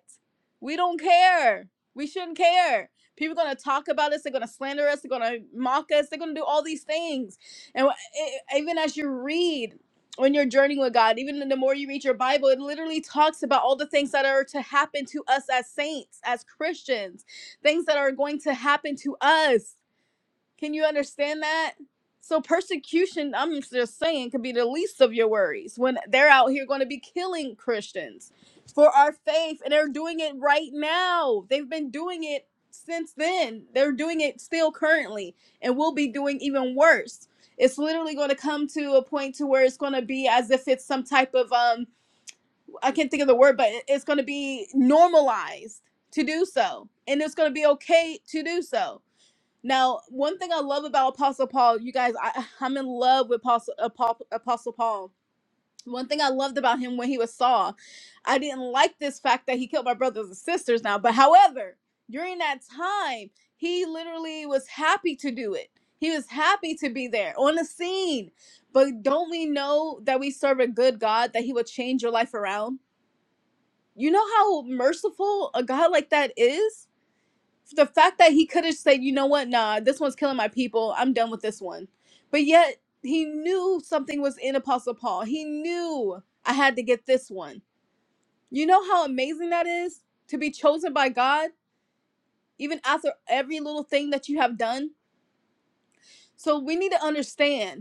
A: We don't care. We shouldn't care. People are going to talk about us. They're going to slander us. They're going to mock us. They're going to do all these things and wh- e- e, even as you read on your journey with God, even the more you read your Bible, it literally talks about all the things that are to happen to us as saints, as Christians, things that are going to happen to us. Can you understand that? So persecution, I'm just saying, could be the least of your worries when they're out here going to be killing Christians for our faith, and they're doing it right now. They've been doing it since then. They're doing it still currently, and will be doing even worse. It's literally going to come to a point to where it's going to be as if it's some type of um I can't think of the word, but it- it's going to be normalized to do so, and it's going to be okay to do so now, one thing I love about Apostle Paul, you guys, I, I'm in love with Apostle, Apo- Apostle Paul. One thing I loved about him when he was Saul, I didn't like this fact that he killed my brothers and sisters now. But however, during that time, he literally was happy to do it. He was happy to be there on the scene. But don't we know that we serve a good God, that he will change your life around? You know how merciful a God like that is? the fact that he could have said, you know what, nah, this one's killing my people. I'm done with this one. But yet he knew something was in Apostle Paul. He knew I had to get this one. You know how amazing that is to be chosen by God, even after every little thing that you have done? So we need to understand.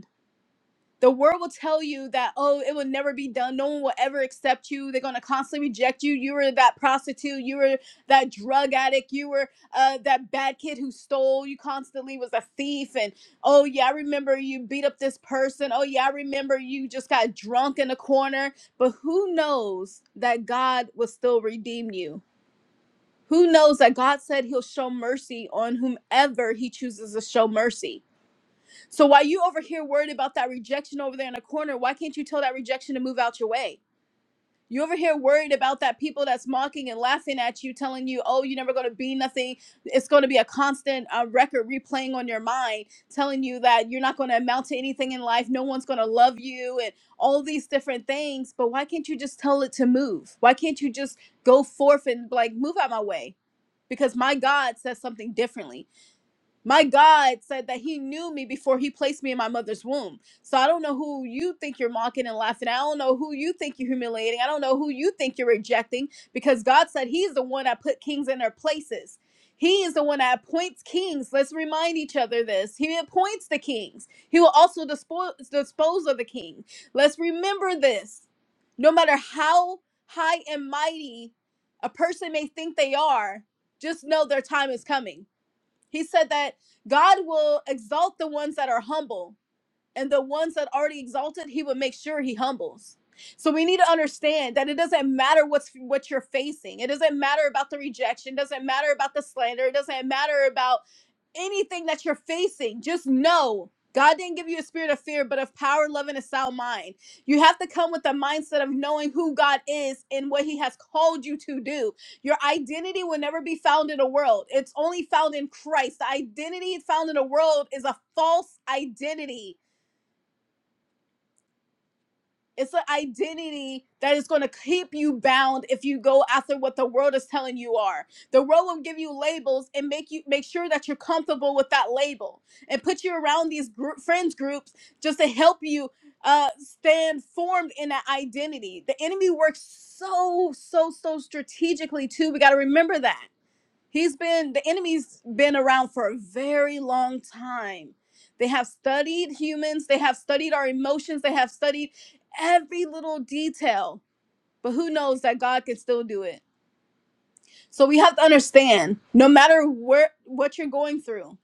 A: The world will tell you that, oh, it will never be done. No one will ever accept you. They're going to constantly reject you. You were that prostitute. You were that drug addict. You were uh, that bad kid who stole. You constantly was a thief. And oh, yeah, I remember you beat up this person. Oh, yeah, I remember you just got drunk in the corner. But who knows that God will still redeem you? Who knows that God said he'll show mercy on whomever he chooses to show mercy? So while you over here worried about that rejection over there in the corner, why can't you tell that rejection to move out your way? You over here worried about that people that's mocking and laughing at you, telling you, "Oh, you're never gonna be nothing." It's gonna be a constant uh, record replaying on your mind, telling you that you're not gonna amount to anything in life. No one's gonna love you, and all these different things. But why can't you just tell it to move? Why can't you just go forth and like move out my way? Because my God says something differently. My God said that He knew me before He placed me in my mother's womb. So I don't know who you think you're mocking and laughing. at. I don't know who you think you're humiliating. I don't know who you think you're rejecting because God said He's the one that put kings in their places. He is the one that appoints kings. Let's remind each other this. He appoints the kings. He will also dispose, dispose of the king. Let's remember this. No matter how high and mighty a person may think they are, just know their time is coming he said that God will exalt the ones that are humble and the ones that already exalted he would make sure he humbles so we need to understand that it doesn't matter what's what you're facing it doesn't matter about the rejection it doesn't matter about the slander it doesn't matter about anything that you're facing just know God didn't give you a spirit of fear, but of power, love, and a sound mind. You have to come with the mindset of knowing who God is and what He has called you to do. Your identity will never be found in the world, it's only found in Christ. The identity found in the world is a false identity it's an identity that is going to keep you bound if you go after what the world is telling you are. The world will give you labels and make you make sure that you're comfortable with that label and put you around these group, friends groups just to help you uh, stand formed in that identity. The enemy works so so so strategically too. We got to remember that He's been the enemy's been around for a very long time. They have studied humans, they have studied our emotions, they have studied every little detail. But who knows that God can still do it. So we have to understand no matter where what you're going through,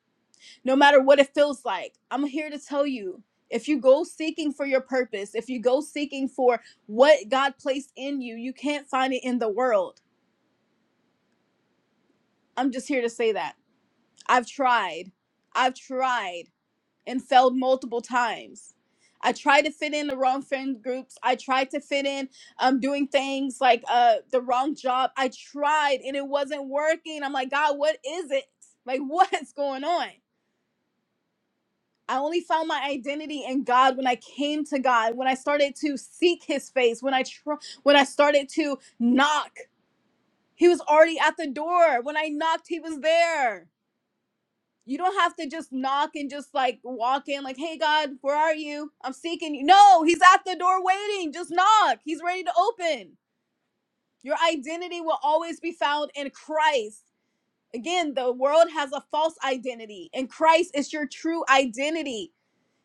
A: no matter what it feels like, I'm here to tell you if you go seeking for your purpose, if you go seeking for what God placed in you, you can't find it in the world. I'm just here to say that. I've tried. I've tried. and failed multiple times. I tried to fit in the wrong friend groups. I tried to fit in um, doing things like uh, the wrong job. I tried and it wasn't working. I'm like, God, what is it? Like, what is going on? I only found my identity in God when I came to God, when I started to seek His face, when I tr- when I started to knock. He was already at the door. When I knocked, He was there. you don't have to just knock and just like walk in like hey god where are you i'm seeking you no he's at the door waiting just knock he's ready to open your identity will always be found in christ again the world has a false identity and christ is your true identity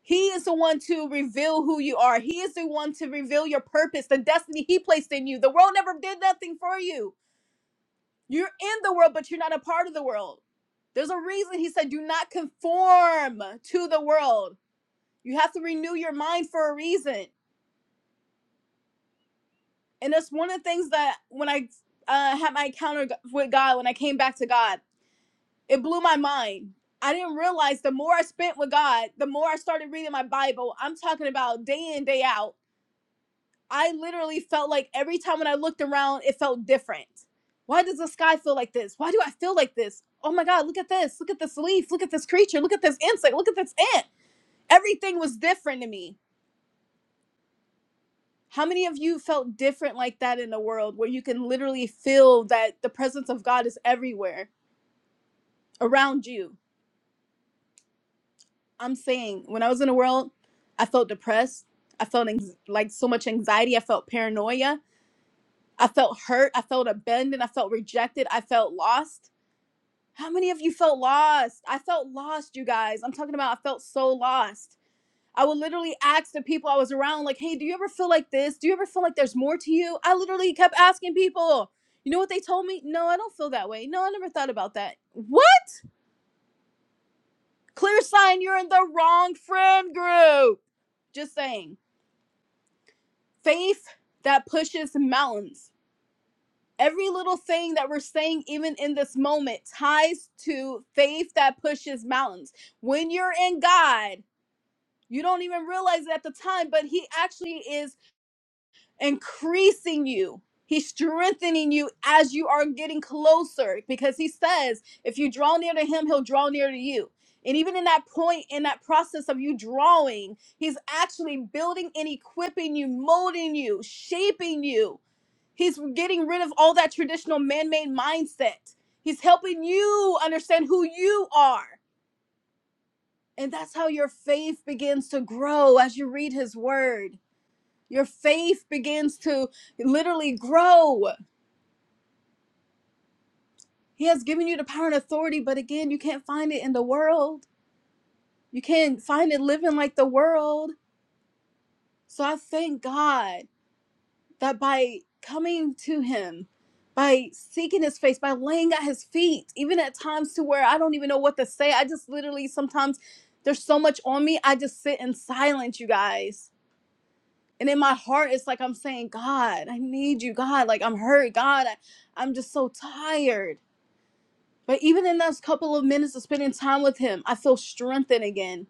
A: he is the one to reveal who you are he is the one to reveal your purpose the destiny he placed in you the world never did nothing for you you're in the world, but you're not a part of the world. There's a reason he said, do not conform to the world. You have to renew your mind for a reason. And that's one of the things that when I uh, had my encounter with God, when I came back to God, it blew my mind. I didn't realize the more I spent with God, the more I started reading my Bible. I'm talking about day in, day out. I literally felt like every time when I looked around, it felt different. Why does the sky feel like this? Why do I feel like this? Oh my God, look at this. Look at this leaf. Look at this creature. Look at this insect. Look at this ant. Everything was different to me. How many of you felt different like that in the world where you can literally feel that the presence of God is everywhere around you? I'm saying, when I was in the world, I felt depressed. I felt anx- like so much anxiety. I felt paranoia. I felt hurt. I felt abandoned. I felt rejected. I felt lost How many of you felt lost? I felt lost, you guys. I'm talking about I felt so lost. I would literally ask the people I was around, like, hey, do you ever feel like this? Do you ever feel like there's more to you? I literally kept asking people. You know what they told me? No, I don't feel that way. No, I never thought about that. What? Clear sign you're in the wrong friend group. Just saying. Faith that pushes mountains. Every little thing that we're saying, even in this moment, ties to faith that pushes mountains. When you're in God, You don't even realize it at the time, but he actually is increasing you. He's strengthening you as you are getting closer because he says, if you draw near to him, he'll draw near to you. And even in that point, in that process of you drawing, he's actually building and equipping you, molding you, shaping you. He's getting rid of all that traditional man made mindset. He's helping you understand who you are. And that's how your faith begins to grow as you read his word. Your faith begins to literally grow. He has given you the power and authority, but again, you can't find it in the world. You can't find it living like the world. So I thank God that by coming to Him, by seeking His face, by laying at His feet, even at times to where I don't even know what to say, I just literally sometimes there's so much on me, I just sit in silence, you guys and in my heart it's like i'm saying god i need you god like i'm hurt god I, i'm just so tired but even in those couple of minutes of spending time with him i feel strengthened again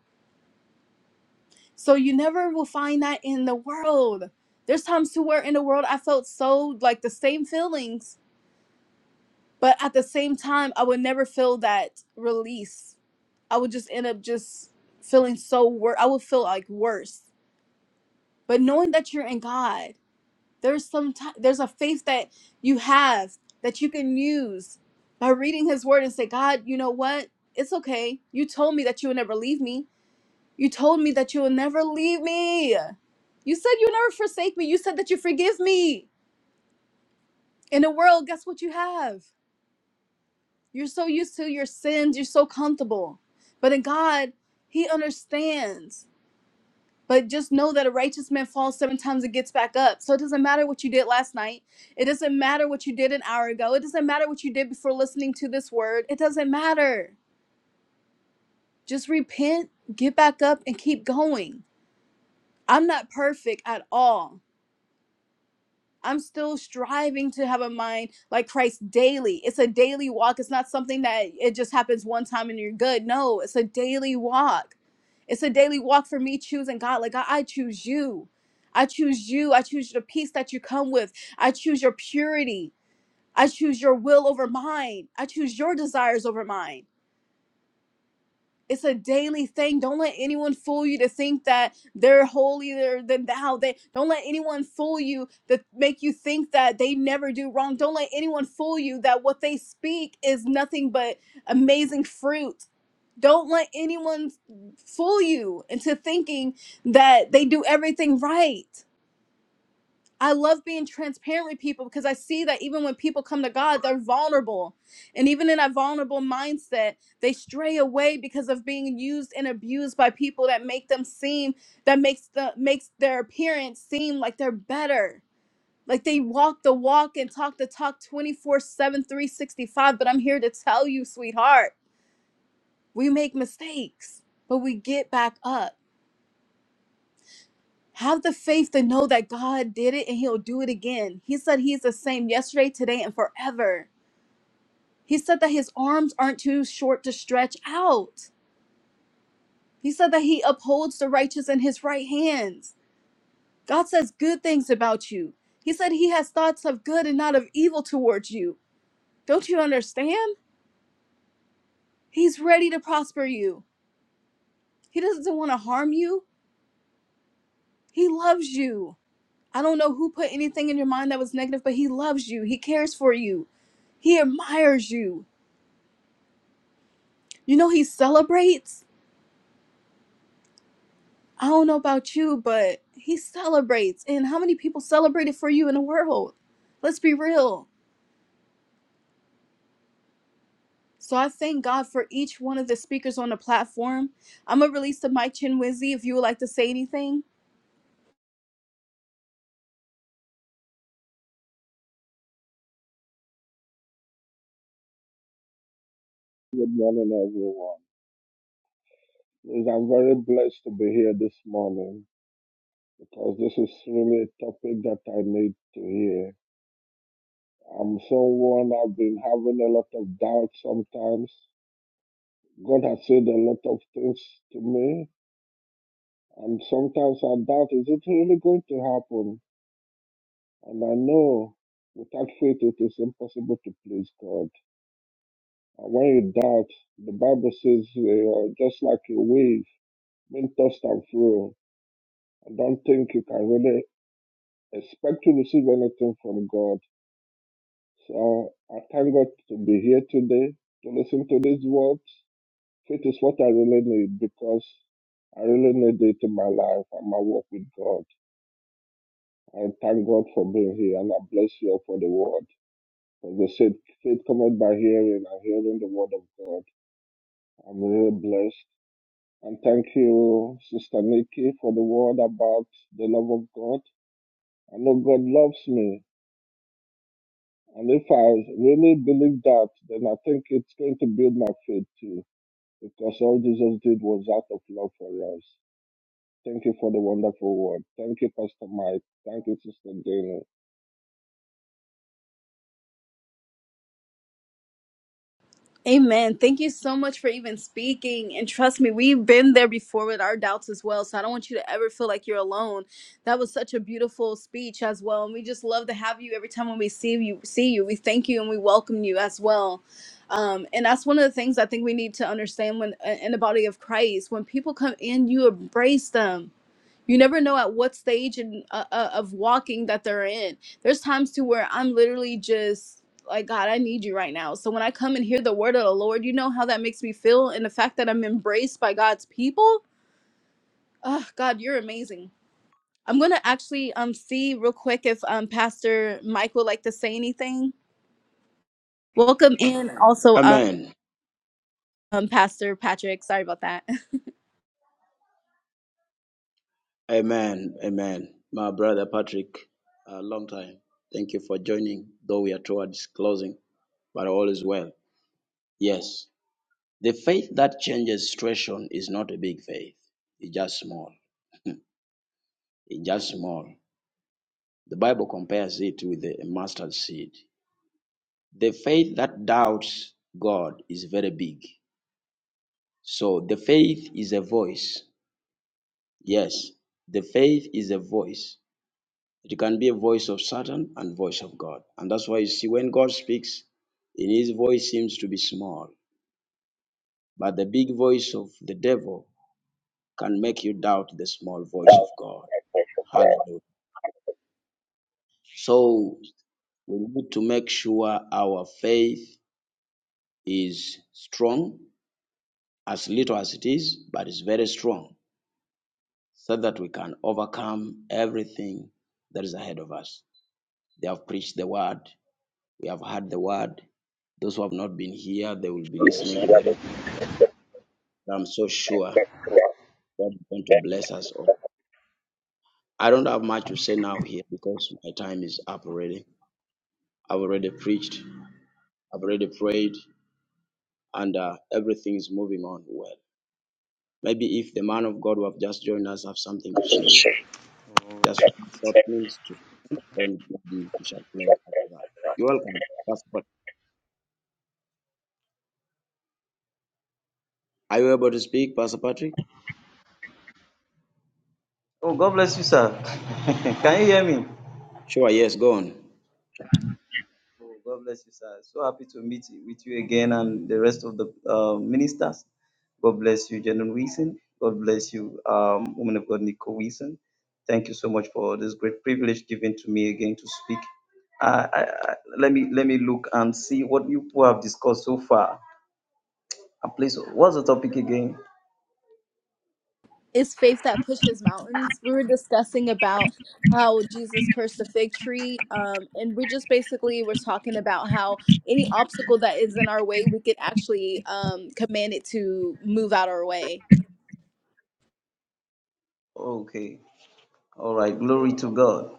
A: so you never will find that in the world there's times to where in the world i felt so like the same feelings but at the same time i would never feel that release i would just end up just feeling so worse i would feel like worse but knowing that you're in god There's some ti there's a faith that you have that you can use by reading his word and say, God, you know what? It's okay. You told me that you would never leave me. You told me that you will never leave me. You said you would never forsake me. You said that you forgive me. In the world, guess what you have? You're so used to your sins, you're so comfortable. But in God, he understands. But just know that a righteous man falls seven times and gets back up. So it doesn't matter what you did last night. It doesn't matter what you did an hour ago. It doesn't matter what you did before listening to this word. It doesn't matter. Just repent, get back up, and keep going. I'm not perfect at all. I'm still striving to have a mind like Christ daily. It's a daily walk. It's not something that it just happens one time and you're good. No, it's a daily walk. It's a daily walk for me choosing God. Like, God, I choose you. I choose you. I choose the peace that you come with. I choose your purity. I choose your will over mine. I choose your desires over mine. It's a daily thing. Don't let anyone fool you to think that they're holier than thou. They don't let anyone fool you to make you think that they never do wrong. Don't let anyone fool you that what they speak is nothing but amazing fruit. Don't let anyone fool you into thinking that they do everything right. I love being transparent with people because I see that even when people come to God, they're vulnerable. And even in that vulnerable mindset, they stray away because of being used and abused by people that make them seem that makes the makes their appearance seem like they're better. Like they walk the walk and talk the talk 24/7 365, but I'm here to tell you, sweetheart, we make mistakes, but we get back up Have the faith to know that God did it and He'll do it again. He said He's the same yesterday, today, and forever. He said that His arms aren't too short to stretch out. He said that He upholds the righteous in His right hands. God says good things about you. He said He has thoughts of good and not of evil towards you. Don't you understand? He's ready to prosper you. He doesn't want to harm you, He loves you. I don't know who put anything in your mind that was negative, but he loves you. He cares for you. He admires you. You know, he celebrates. I don't know about you, but he celebrates. And how many people celebrated for you in the world? Let's be real. So I thank God for each one of the speakers on the platform. I'm going to release the mic, Chinwizzy, if you would like to say anything.
D: Good morning, everyone. Please, I'm very blessed to be here this morning because this is really a topic that I need to hear. I'm someone I've been having a lot of doubt sometimes. God has said a lot of things to me, and sometimes I doubt is it really going to happen? And I know without faith it is impossible to please God. And when you doubt, the Bible says you are just like a wave, being tossed and fro. I don't think you can really expect to receive anything from God. So I thank God to be here today to listen to these words. Faith is what I really need because I really need it in my life and my walk with God. I thank God for being here and I bless you all for the word. For the said, faith cometh by hearing and hearing the word of God. I'm really blessed. And thank you, Sister Nikki, for the word about the love of God. I know God loves me And if I really believe that, then I think it's going to build my faith too, because all Jesus did was out of love for us. Thank you for the wonderful word. Thank you, Pastor Mike. Thank you, Sister Dana.
A: Amen. Thank you so much for even speaking. And trust me, we've been there before with our doubts as well. So I don't want you to ever feel like you're alone. That was such a beautiful speech as well. And we just love to have you every time when we see you, see you. We thank you and we welcome you as well. Um, and that's one of the things I think we need to understand when uh, in the body of Christ. When people come in, you embrace them you never know at what stage in, uh, uh, of walking that they're in. There's times to where I'm literally just like, God, I need you right now. So when I come and hear the word of the Lord, you know how that makes me feel, and the fact that I'm embraced by God's people. Oh, God, you're amazing. I'm gonna actually um see real quick if um Pastor Mike would like to say anything. Welcome in, also um
B: Amen.
A: Pastor Patrick. Sorry about that.
B: Amen. Amen. My brother Patrick, a long time. Thank you for joining, though we are towards closing, but all is well. Yes. The faith that changes situation is not a big faith. It's just small. It's just small. The Bible compares it with a mustard seed. The faith that doubts God is very big. So the faith is a voice. Yes, the faith is a voice. It can be a voice of Satan and voice of God. And that's why you see when God speaks, in his voice seems to be small, but the big voice of the devil can make you doubt the small voice of God. Hallelujah. So we need to make sure our faith is strong, as little as it is, but it's very strong, so that we can overcome everything that is ahead of us. They have preached the word, we have heard the word. Those who have not been here, they will be listening to the replay. I'm so sure God is going to bless us all. I don't have much to say now here because my time is up already. I've already preached, I've already prayed, and uh, everything is moving on well. Maybe if the man of God who have just joined us have something to say, just short minutes to then maybe we shall close after that. You're welcome. Pastor Pat- Are you able to speak, Pastor Patrick?
E: Oh, God bless you, sir. Can you hear me?
B: Sure, yes, go on.
E: Oh, God bless you, sir. So happy to meet with you again and the rest of the uh, ministers. God bless you, General Wilson. God bless you, um, woman of God, Nicole Wilson. Thank you so much for this great privilege given to me again to speak. I, I, I, let me let me look and see what you people have discussed so far. And please, what's the topic again?
A: is faith that pushes mountains. We were discussing about how Jesus cursed the fig tree, um, and we just basically was talking about how any obstacle that is in our way, we could actually um, command it to move out our way.
E: Okay. All right, glory to God.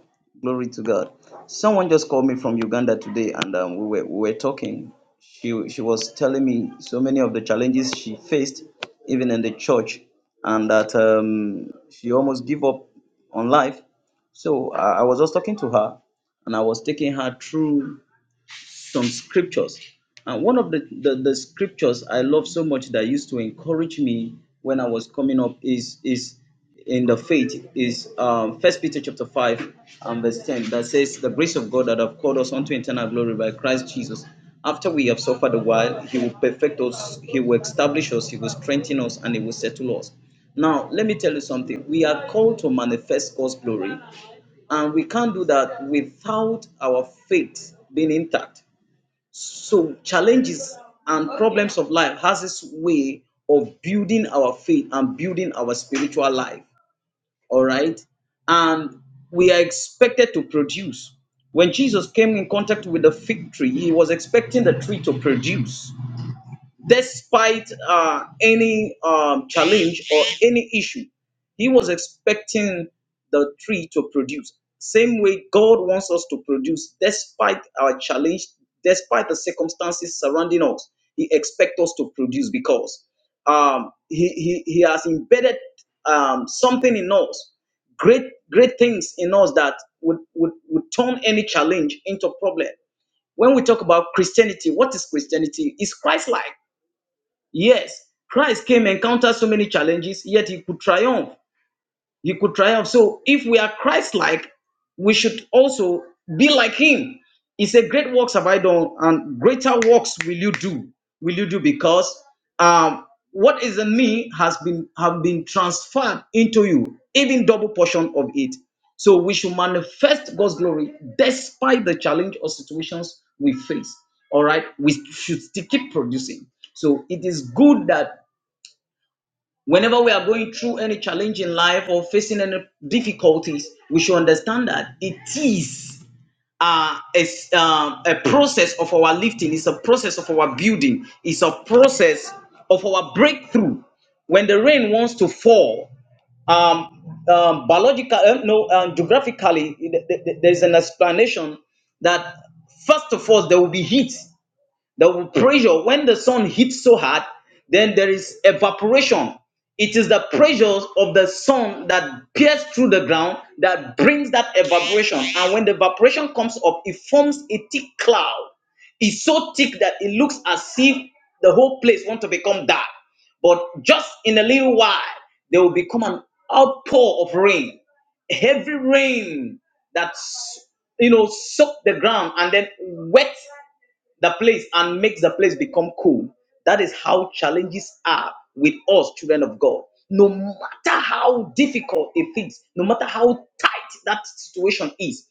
E: Glory to God. Someone just called me from Uganda today and um, we, were, we were talking. She, she was telling me so many of the challenges she faced, even in the church, and that um, she almost gave up on life. So I I was just talking to her and I was taking her through some scriptures. And one of the, the, the scriptures I love so much that used to encourage me when I was coming up is is in the faith is um, First Peter chapter five and verse ten that says, "The grace of God that have called us unto eternal glory by Christ Jesus." After we have suffered a while, He will perfect us, He will establish us, He will strengthen us, and He will settle us. Now, let me tell you something. We are called to manifest God's glory, and we can't do that without our faith being intact. So challenges and problems of life has this way of building our faith and building our spiritual life. All right. And we are expected to produce. When Jesus came in contact with the fig tree, he was expecting the tree to produce despite uh, any um, challenge or any issue. He was expecting the tree to produce. Same way God wants us to produce despite our challenge, despite the circumstances surrounding us. He expects us to produce because um, he, he, he has embedded um, something in us, great great things in us that would, would, would turn any challenge into a problem when we talk about Christianity, what is Christianity? It's Christ like. Yes, Christ came, and encountered so many challenges, yet he could triumph. You could triumph. So if we are Christ like, we should also be like him. He said, Great works have I done, and greater works will you do. Will you do because um, what is in me has been have been transferred into you, even double portion of it. So we should manifest God's glory despite the challenge or situations we face. All right, we should still keep producing. So it is good that Whenever we are going through any challenge in life or facing any difficulties, we should understand that it is uh, a, s- um, a process of our lifting, it's a process of our building, it's a process of our breakthrough. When the rain wants to fall, um, um, biological, uh, no, um, geographically, th- th- th- there's an explanation that first of all there will be heat. The pressure, when the sun hits so hard, then there is evaporation. It is the pressures of the sun that pierce through the ground that brings that evaporation. And when the evaporation comes up, it forms a thick cloud. It's so thick that it looks as if the whole place wants to become dark. But just in a little while, there will become an outpour of rain, heavy rain that you know soak the ground and then wet the place and makes the place become cool. That is how challenges are with us, children of God. No matter how difficult it is, no matter how tight that situation is,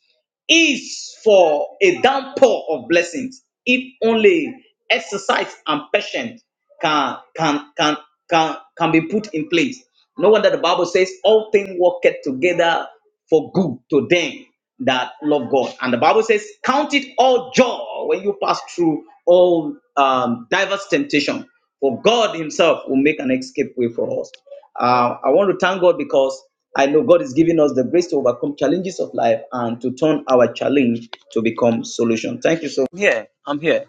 E: is for a downpour of blessings. If only exercise and patience can can can can can be put in place. No wonder the Bible says all things work together for good to them that love God. And the Bible says, Count it all joy when you pass through all um, diverse temptation, for God Himself will make an escape way for us. Uh, I want to thank God because I know God is giving us the grace to overcome challenges of life and to turn our challenge to become solution. Thank you so much. I'm here. I'm here.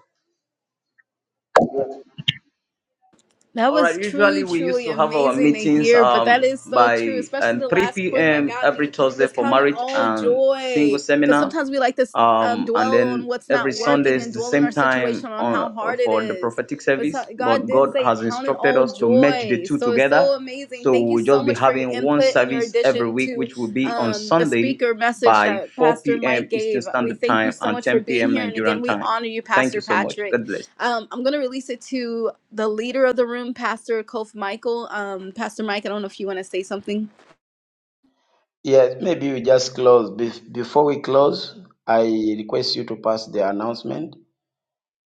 A: That
E: All
A: was
E: right.
A: truly,
E: Usually we used
A: truly
E: to have our
A: amazing to
E: meetings
A: hear, but that
E: um
A: is so true,
E: by
A: especially
E: um,
A: the
E: 3
A: last point that
E: p.m.
A: got
E: every
A: me
E: Thursday
A: was
E: for
A: count it
E: marriage
A: all
E: and single
A: joy. Because
E: seminar,
A: sometimes we like to um,
E: um and
A: dwell on
E: then
A: what's
E: every
A: not
E: Sunday
A: working and
E: is the
A: dwell on our
E: same time
A: situation on
E: on
A: how hard it
E: for the
A: is.
E: prophetic
A: But so,
E: service.
A: God
E: But
A: did
E: God
A: say,
E: has
A: count it
E: instructed
A: all
E: us to merge the
A: joy.
E: two
A: So it's so
E: together,
A: amazing.
E: so
A: Thank you
E: we'll
A: so
E: just be
A: much for your
E: having one
A: input and your
E: service every
A: addition
E: week,
A: to
E: which will be on
A: um, the
E: Sunday
A: speaker message
E: by
A: that
E: 4
A: Pastor Mike
E: p.m. Eastern
A: gave. We
E: Standard
A: thank you
E: Time
A: so
E: and
A: much for
E: 10
A: being
E: p.m.
A: here. And again,
E: Nigerian
A: we
E: time.
A: honor you,
E: Thank you
A: Pastor
E: so much.
A: Patrick.
E: God bless.
A: Um, I'm gonna release it to the leader of the room, Pastor Kof Michael. Um, Pastor Mike, I don't know if you want to say something.
B: Yes, maybe we just close. Bef- Before we close, I request you to pass the announcement,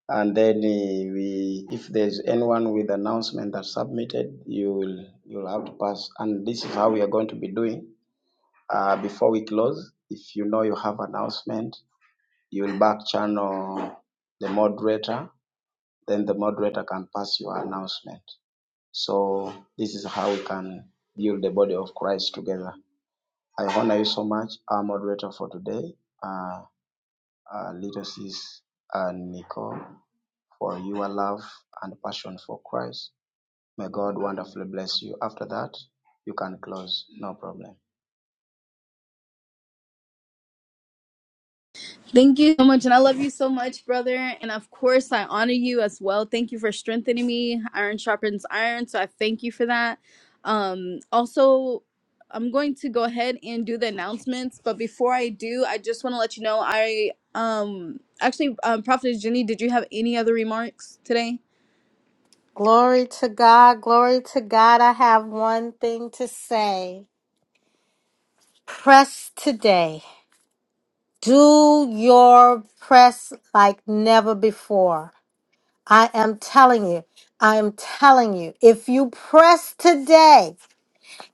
B: and then eh, we, if there's anyone with announcement that submitted, you will you'll have to pass. And this is how we are going to be doing. Uh, before we close, if you know you have announcement, you'll back channel the moderator, then the moderator can pass your announcement. So this is how we can build the body of Christ together. I honor you so much, our moderator for today, uh, uh, little sis uh, Nicole, for your love and passion for Christ. May God wonderfully bless you. After that, you can close, no problem.
A: Thank you so much, and I love you so much, brother. And of course, I honor you as well. Thank you for strengthening me. Iron sharpens iron, so I thank you for that. Um, also, I'm going to go ahead and do the announcements, but before I do, I just want to let you know I um actually um, Prophetess Jenny, did you have any other remarks today?
C: Glory to God. Glory to God. I have one thing to say. Press today Do your press like never before. I am telling you, I am telling you, if you press today,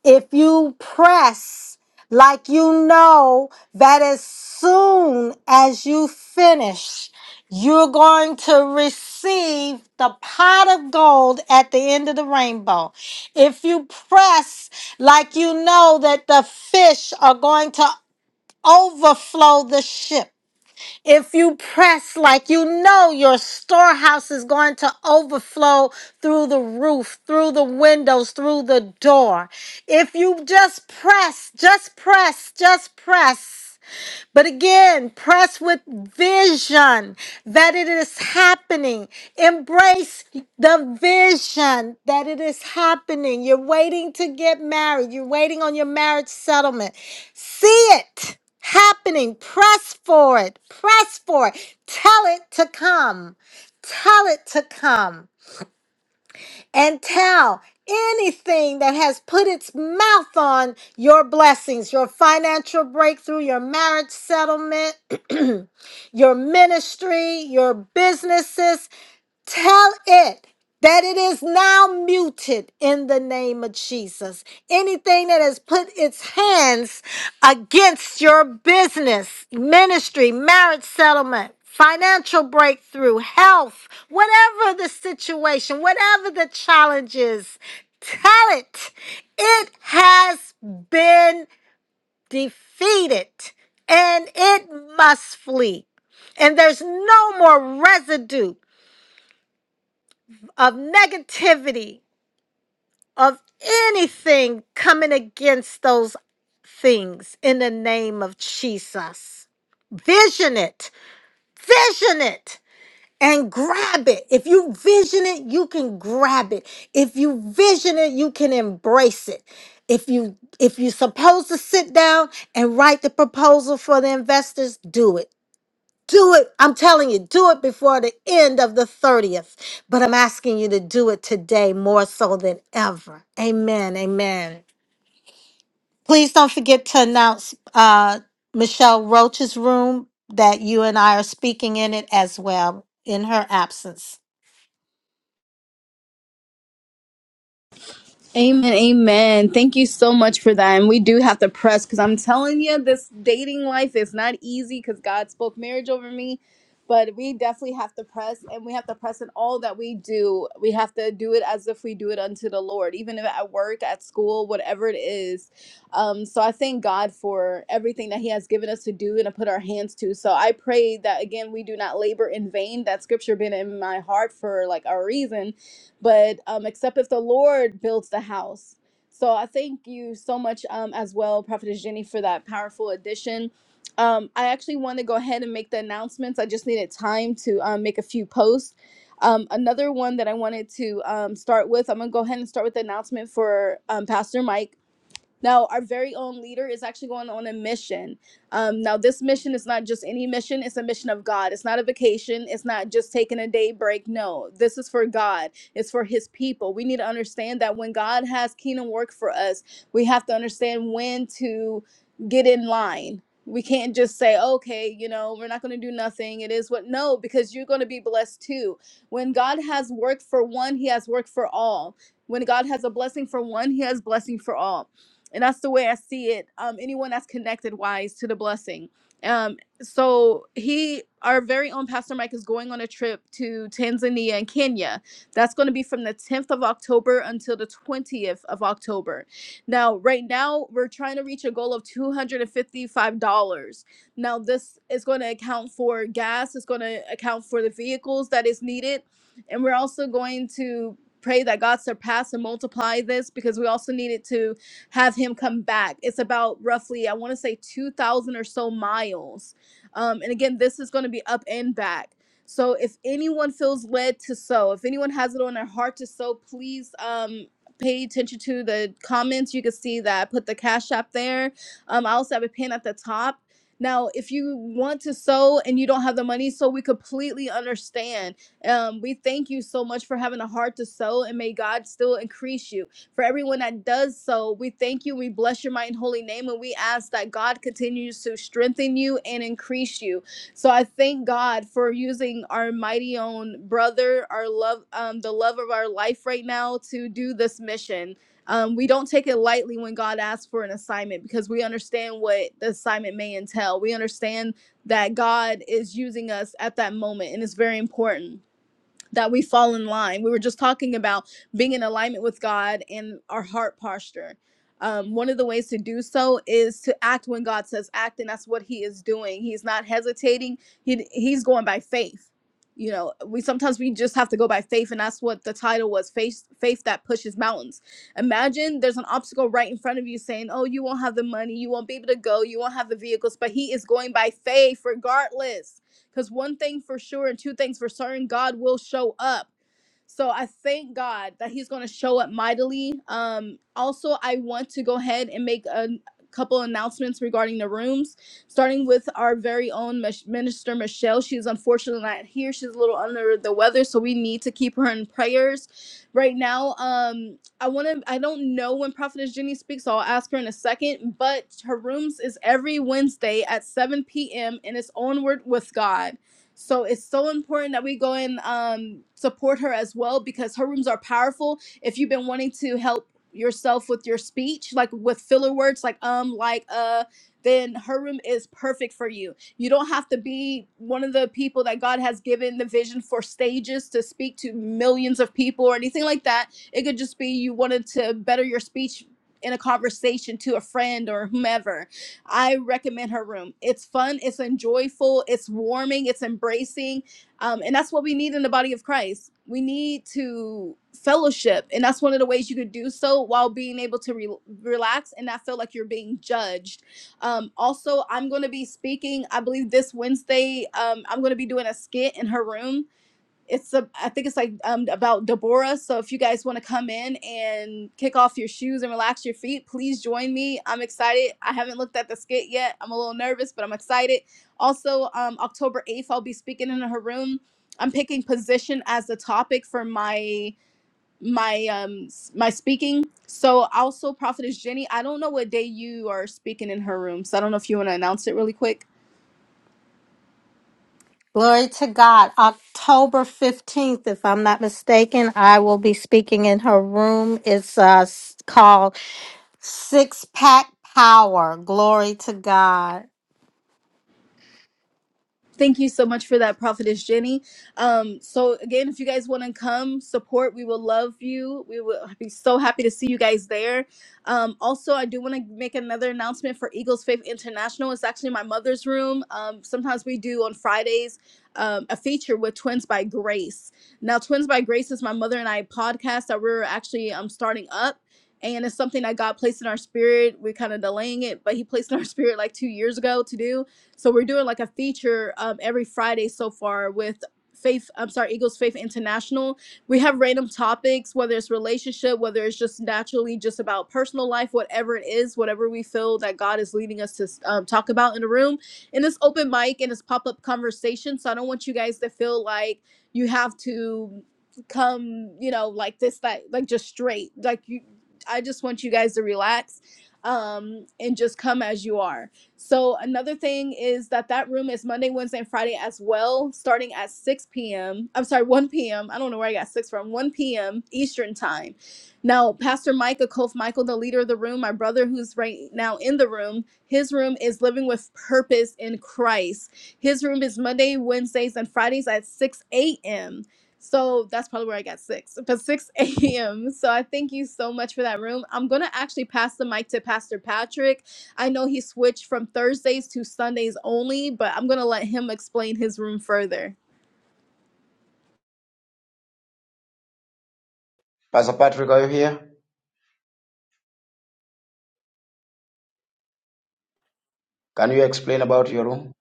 C: if you press like you know that as soon as you finish, you're going to receive the pot of gold at the end of the rainbow. If you press like you know that the fish are going to overflow the ship if you press like you know your storehouse is going to overflow through the roof, through the windows, through the door. If you just press, just press, just press. But again, press with vision that it is happening. Embrace the vision that it is happening. You're waiting to get married, you're waiting on your marriage settlement. See it happening. Press for it. Press for it. Tell it to come. Tell it to come and tell anything that has put its mouth on your blessings, your financial breakthrough, your marriage settlement, your ministry, your businesses, Tell it that it is now muted in the name of Jesus. Anything that has put its hands against your business, ministry, marriage settlement, financial breakthrough, health, whatever the situation, whatever the challenge is, tell it. It has been defeated and it must flee and there's no more residue of negativity, of anything coming against those things in the name of Jesus. Vision it, vision it, and grab it. If you vision it, you can grab it. If you vision it, you can embrace it. If you if you're supposed to sit down and write the proposal for the investors, do it. Do it. I'm telling you, do it before the end of the 30th. But I'm asking you to do it today more so than ever. Amen. Amen. Please don't forget to announce uh, Michelle Roach's room that you and I are speaking in it as well in her absence.
A: Amen, amen. Thank you so much for that. And we do have to press because I'm telling you, this dating life is not easy because God spoke marriage over me. But we definitely have to press and we have to press in all that we do. We have to do it as if we do it unto the Lord, even if at work, at school, whatever it is. Um, so I thank God for everything that He has given us to do and to put our hands to. So I pray that, again, we do not labor in vain. That scripture been in my heart for like a reason but um, except if the Lord builds the house. So I thank you so much um, as well, Prophetess Jenny, for that powerful addition. Um, I actually want to go ahead and make the announcements. I just needed time to um, make a few posts. Um, another one that I wanted to um, start with, I'm going to go ahead and start with the announcement for um, Pastor Mike. Now, our very own leader is actually going on a mission. Um, now, this mission is not just any mission, it's a mission of God. It's not a vacation, it's not just taking a day break. No, this is for God, it's for His people. We need to understand that when God has kingdom work for us, we have to understand when to get in line. We can't just say, okay, you know, we're not going to do nothing. It is what, no, because you're going to be blessed too. When God has work for one, He has work for all. When God has a blessing for one, He has blessing for all and that's the way I see it. Um, anyone that's connected wise to the blessing. Um, so he, our very own Pastor Mike, is going on a trip to Tanzania and Kenya. That's going to be from the 10th of October until the 20th of October. Now, right now, we're trying to reach a goal of $255. Now, this is going to account for gas. It's going to account for the vehicles that is needed, and we're also going to pray that God surpass and multiply this because we also need it to have him come back. It's about roughly, I want to say 2,000 or so miles. Um, and again, this is going to be up and back. So if anyone feels led to sow, if anyone has it on their heart to sow, please um, pay attention to the comments. You can see that I put the Cash App there. Um, I also have a pin at the top. Now, if you want to sow and you don't have the money, so we completely understand. Um, we thank you so much for having a heart to sow, and may God still increase you. For everyone that does so, we thank you. We bless your mighty and holy name. And we ask that God continues to strengthen you and increase you. So I thank God for using our mighty own brother, our love, um, the love of our life right now to do this mission. Um, we don't take it lightly when God asks for an assignment because we understand what the assignment may entail. We understand that God is using us at that moment, and it's very important that we fall in line. We were just talking about being in alignment with God and our heart posture. Um, one of the ways to do so is to act when God says act, and that's what He is doing. He's not hesitating. He He's going by faith. You know, we sometimes we just have to go by faith, and that's what the title was: faith, faith that pushes mountains. Imagine there's an obstacle right in front of you, saying, "Oh, you won't have the money, you won't be able to go, you won't have the vehicles," but He is going by faith, regardless because one thing for sure and two things for certain, God will show up. So I thank God that He's going to show up mightily. Um, also, I want to go ahead and make a couple announcements regarding the rooms, starting with our very own Mich- minister Michelle. She's unfortunately not here. She's a little under the weather, so we need to keep her in prayers right now. Um, I want to. I don't know when Prophetess Jenny speaks, so I'll ask her in a second. But her rooms is every Wednesday at 7 p.m. and it's onward with God. So it's so important that we go and um, support her as well because her rooms are powerful. If you've been wanting to help yourself with your speech, like with filler words, like um, like uh, then her room is perfect for you. You don't have to be one of the people that God has given the vision for stages to speak to millions of people or anything like that it could just be you wanted to better your speech in a conversation to a friend or whomever. I recommend her room. It's fun, it's enjoyable, it's warming, it's embracing. Um, and that's what we need in the body of Christ. We need to fellowship. And that's one of the ways you could do so while being able to re- relax and not feel like you're being judged. Um, also, I'm going to be speaking, I believe this Wednesday, um, I'm going to be doing a skit in her room it's a, I think it's like um, about Deborah. So if you guys want to come in and kick off your shoes and relax your feet, please join me. I'm excited. I haven't looked at the skit yet. I'm a little nervous, but I'm excited. Also, um, October 8th, I'll be speaking in her room. I'm picking position as the topic for my my um s- my speaking. So also Prophetess Jenny, I don't know what day you are speaking in her room. So I don't know if you want to announce it really quick.
C: Glory to God. October 15th, if I'm not mistaken, I will be speaking in her room. It's uh, s- called Six Pack Power. Glory to God.
A: Thank you so much for that, Prophetess Jenny. Um, so again, if you guys want to come support, we will love you. We will be so happy to see you guys there. Um, also, I do want to make another announcement for Eagles Faith International. It's actually my mother's room. Um, sometimes we do on Fridays um, a feature with Twins by Grace. Now, Twins by Grace is my mother and I podcast that we're actually um, starting up. And it's something that God placed in our spirit. We're kind of delaying it, but He placed in our spirit like two years ago to do so we're doing like a feature um, every Friday so far with Faith. I'm sorry, Eagles Faith International. We have random topics, whether it's relationship, whether it's just naturally just about personal life, whatever it is, whatever we feel that God is leading us to um, talk about in the room. And it's open mic and it's pop up conversation. So I don't want you guys to feel like you have to come, you know, like this, that, like just straight. Like you, I just want you guys to relax um, and just come as you are so another thing is that that room is Monday, Wednesday, and Friday as well, starting at 6 p.m. I'm sorry, 1 p.m. I don't know where I got 6 from. 1 p.m. Eastern time. Now, Pastor Micah Kof Michael, the leader of the room, my brother who's right now in the room, his room is Living with Purpose in Christ. His room is Monday, Wednesdays, and Fridays at 6 a.m. So that's probably where I got six, but 6 a.m. So I thank you so much for that room. I'm going to actually pass the mic to Pastor Patrick I know he switched from Thursdays to Sundays only, but I'm gonna let him explain his room further.
B: Pastor Patrick, are you here? Can you explain about your room?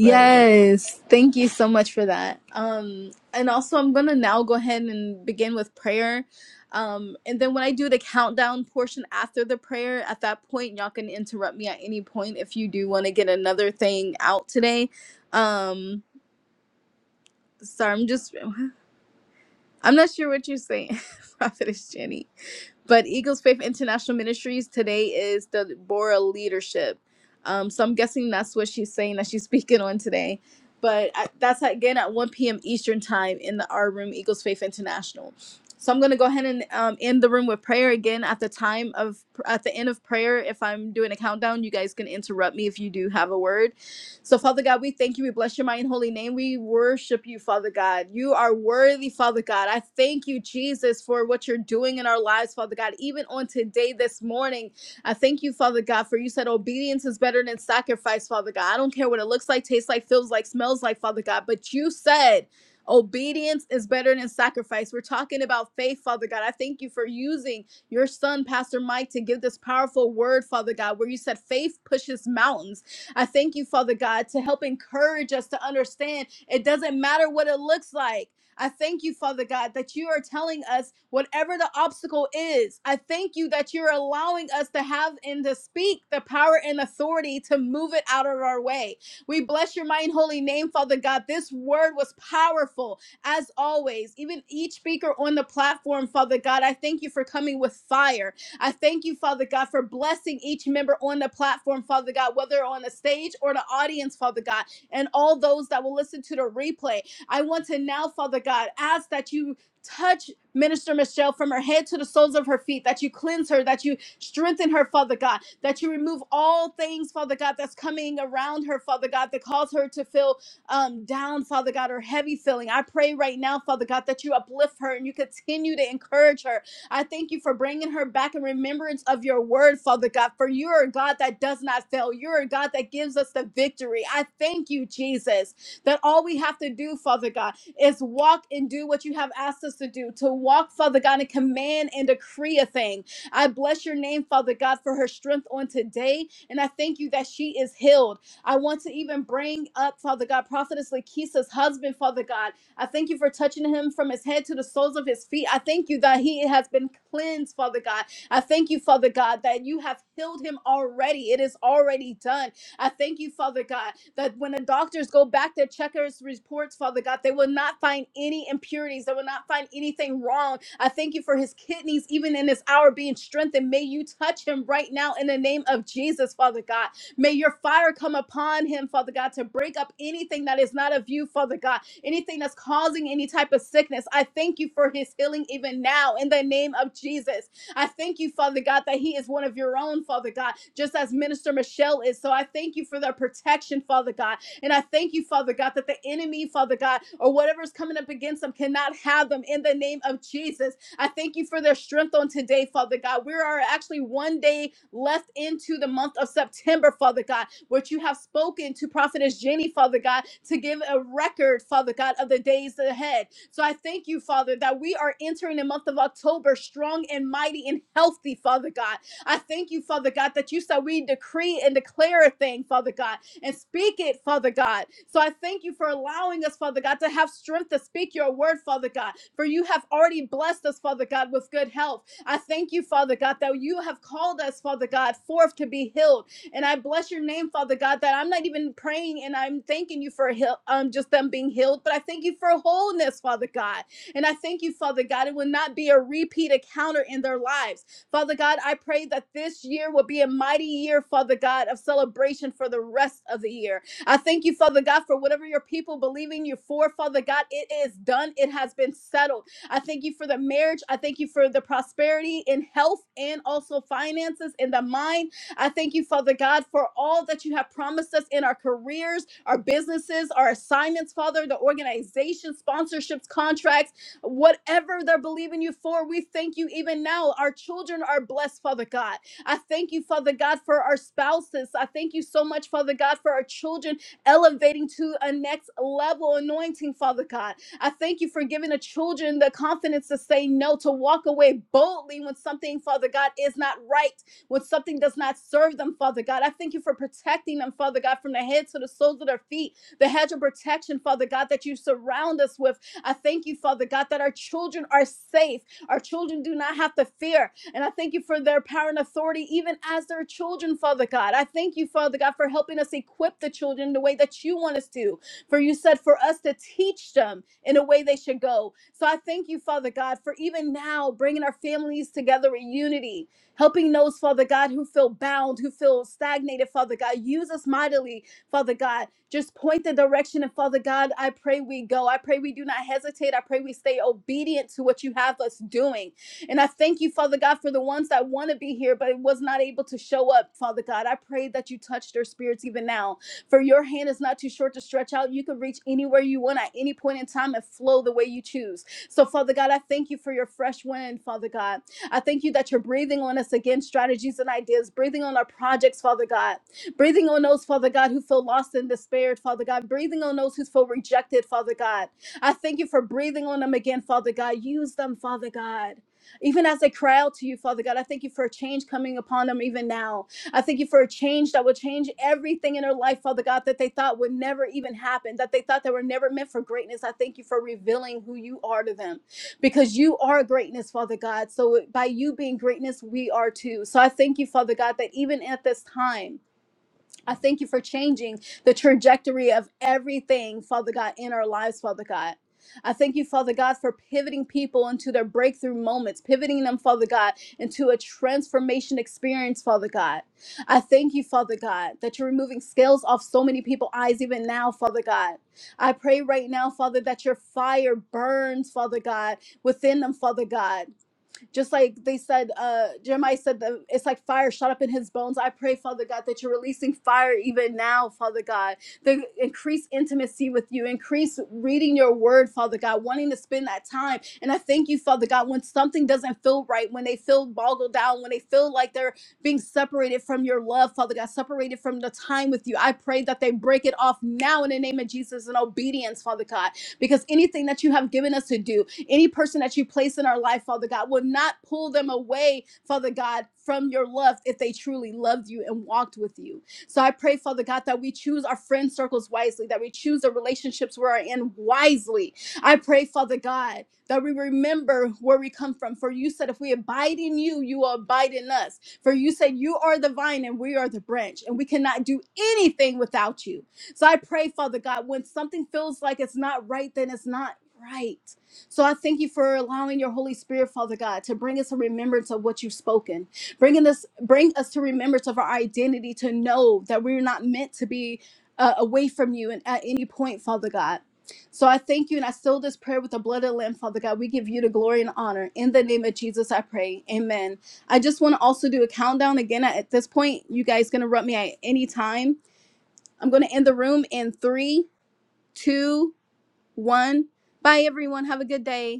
B: Very good.
A: thank you so much for that. Um, and also, I'm gonna now go ahead and begin with prayer. Um, and then when I do the countdown portion after the prayer, at that point, y'all can interrupt me at any point if you do want to get another thing out today. Um, sorry, I'm just, I'm not sure what you're saying, Prophetess Jenny. But Eagles Faith International Ministries today is the Bora leadership. Um, so I'm guessing that's what she's saying that she's speaking on today. But I, that's again at 1 p.m. Eastern time in the R room, Eagles Faith International. So I'm gonna go ahead and um, end the room with prayer again at the time of at the end of prayer. If I'm doing a countdown, you guys can interrupt me if you do have a word so, Father God, we thank you. We bless your mighty and holy name. We worship you, Father God. You are worthy, Father God. I thank you, Jesus, for what you're doing in our lives, Father God. Even on today, this morning, I thank you, Father God, for you said obedience is better than sacrifice, Father God. I don't care what it looks like, tastes like, feels like, smells like, Father God, but you said, Obedience is better than sacrifice. We're talking about faith, Father God. I thank you for using your son, Pastor Mike, to give this powerful word, Father God, where you said faith pushes mountains. I thank you, Father God, to help encourage us to understand it doesn't matter what it looks like. I thank you, Father God, that you are telling us whatever the obstacle is. I thank you that you're allowing us to have and to speak the power and authority to move it out of our way. We bless your mighty and holy name, Father God. This word was powerful as always. Even each speaker on the platform, Father God, I thank you for coming with fire. I thank you, Father God, for blessing each member on the platform, Father God, whether on the stage or the audience, Father God, and all those that will listen to the replay. I want to now, Father God, ask that you touch Minister Michelle from her head to the soles of her feet, that you cleanse her, that you strengthen her, Father God, that you remove all things, Father God, that's coming around her, Father God, that cause her to feel um, down, Father God, or heavy feeling. I pray right now, Father God, that you uplift her and you continue to encourage her I thank you for bringing her back in remembrance of your word, Father God, for you're a God that does not fail. You're a God that gives us the victory. I thank you, Jesus, that all we have to do, Father God, is walk and do what you have asked us to do, to walk, Father God, and command and decree a thing. I bless your name, Father God, for her strength on today. And I thank you that she is healed. I want to even bring up, Father God, Prophetess Lakeisha's husband, Father God. I thank you for touching him from his head to the soles of his feet. I thank you that he has been cleansed, Father God. I thank you, Father God, that you have healed him already. It is already done. I thank you, Father God, that when the doctors go back their checkers reports, Father God, they will not find any impurities. They will not find anything wrong. I thank you for his kidneys, even in this hour, being strengthened. May you touch him right now in the name of Jesus, Father God. May your fire come upon him, Father God, to break up anything that is not of you, Father God, anything that's causing any type of sickness. I thank you for his healing even now in the name of Jesus. I thank you, Father God, that he is one of your own, Father God, just as Minister Michelle is. So I thank you for their protection, Father God. And I thank you, Father God, that the enemy, Father God, or whatever's coming up against them cannot have them in the name of Jesus. I thank you for their strength on today, Father God. We are actually one day left into the month of September, Father God, which you have spoken to Prophetess Jenny, Father God, to give a record, Father God, of the days ahead. So I thank you, Father, that we are entering the month of October strong and mighty and healthy, Father God. I thank you, Father God, that you said we decree and declare a thing, Father God and speak it, Father God. So I thank you for allowing us, Father God, to have strength to speak your word, Father God. For you have already blessed us, Father God, with good health. I thank you, Father God, that you have called us, Father God, forth to be healed. And I bless your name, Father God, that I'm not even praying and I'm thanking you for heal, um, just them being healed, but I thank you for wholeness, Father God. And I thank you, Father God, it will not be a repeat encounter in their lives. Father God, I pray that this year will be a mighty year, Father God, of celebration for the rest of the year. I thank you, Father God, for whatever your people believe in you for, Father God, it is done. It has been settled. I thank you for the marriage. I thank you for the prosperity in health and also finances in the mind. I thank you, Father God, for all that you have promised us in our careers, our businesses, our assignments, Father, the organization, sponsorships, contracts Whatever they're believing you for, we thank you even now. Our children are blessed, Father God. I thank you, Father God, for our spouses. I thank you so much, Father God, for our children elevating to a next level anointing, Father God. I thank you for giving the children the confidence to say no, to walk away boldly when something, Father God, is not right, when something does not serve them, Father God. I thank you for protecting them, Father God, from the head to the soles of their feet the hedge of protection, Father God, that you surround us with. I thank you, Father God, that our children are safe. Our children do not have to fear. And I thank you for their power and authority, even as their children, Father God. I thank you, Father God, for helping us equip the children the way that you want us to. For you said for us to teach them in a way they should go. So I thank you, Father God, for even now bringing our families together in unity helping those, Father God, who feel bound, who feel stagnated, Father God. Use us mightily Father God, just point the direction. And Father God, I pray we go. I pray we do not hesitate. I pray we stay obedient to what you have us doing. And I thank you, Father God, for the ones that want to be here, but was not able to show up, Father God. I pray that you touch their spirits even now. For your hand is not too short to stretch out. You can reach anywhere you want at any point in time and flow the way you choose. So, Father God, I thank you for your fresh wind, Father God. I thank you that you're breathing on us again, strategies and ideas, breathing on our projects, Father God breathing on those, Father God, who feel lost and despaired, Father God, breathing on those who feel rejected, Father God. I thank you for breathing on them again, Father God. Use them, Father God. Even as they cry out to you, Father God, I thank you for a change coming upon them even now. I thank you for a change that will change everything in their life, Father God, that they thought would never even happen, that they thought they were never meant for greatness. I thank you for revealing who you are to them because you are greatness, Father God. So by you being greatness, we are too. So I thank you, Father God, that even at this time, I thank you for changing the trajectory of everything, Father God, in our lives, Father God. I thank you, Father God, for pivoting people into their breakthrough moments, pivoting them, Father God, into a transformation experience, Father God. I thank you, Father God, that you're removing scales off so many people's eyes even now, Father God. I pray right now, Father, that your fire burns, Father God, within them, Father God. Just like they said, uh, Jeremiah said that it's like fire shot up in his bones. I pray, Father God, that you're releasing fire even now, Father God. The increase intimacy with you, increase reading your word, Father God, wanting to spend that time. And I thank you, Father God, when something doesn't feel right, when they feel boggled down, when they feel like they're being separated from your love, Father God, separated from the time with you. I pray that they break it off now in the name of Jesus in obedience, Father God, because anything that you have given us to do, any person that you place in our life, Father God, will not pull them away, Father God, from your love if they truly loved you and walked with you. So I pray, Father God, that we choose our friend circles wisely, that we choose the relationships we are in wisely. I pray, Father God, that we remember where we come from. For you said, if we abide in you, you will abide in us. For you said, you are the vine and we are the branch, and we cannot do anything without you. So I pray, Father God, when something feels like it's not right, then it's not right. So I thank you for allowing your Holy Spirit, Father God, to bring us a remembrance of what you've spoken, bringing us, bring us to remembrance of our identity, to know that we're not meant to be uh, away from you and at any point, Father God. So I thank you, and I seal this prayer with the blood of the Lamb, Father God. We give you the glory and honor in the name of Jesus. I pray, Amen. I just want to also do a countdown again. At this point, you guys can interrupt me at any time. I'm going to end the room in three, two, one. Bye, everyone. Have a good day.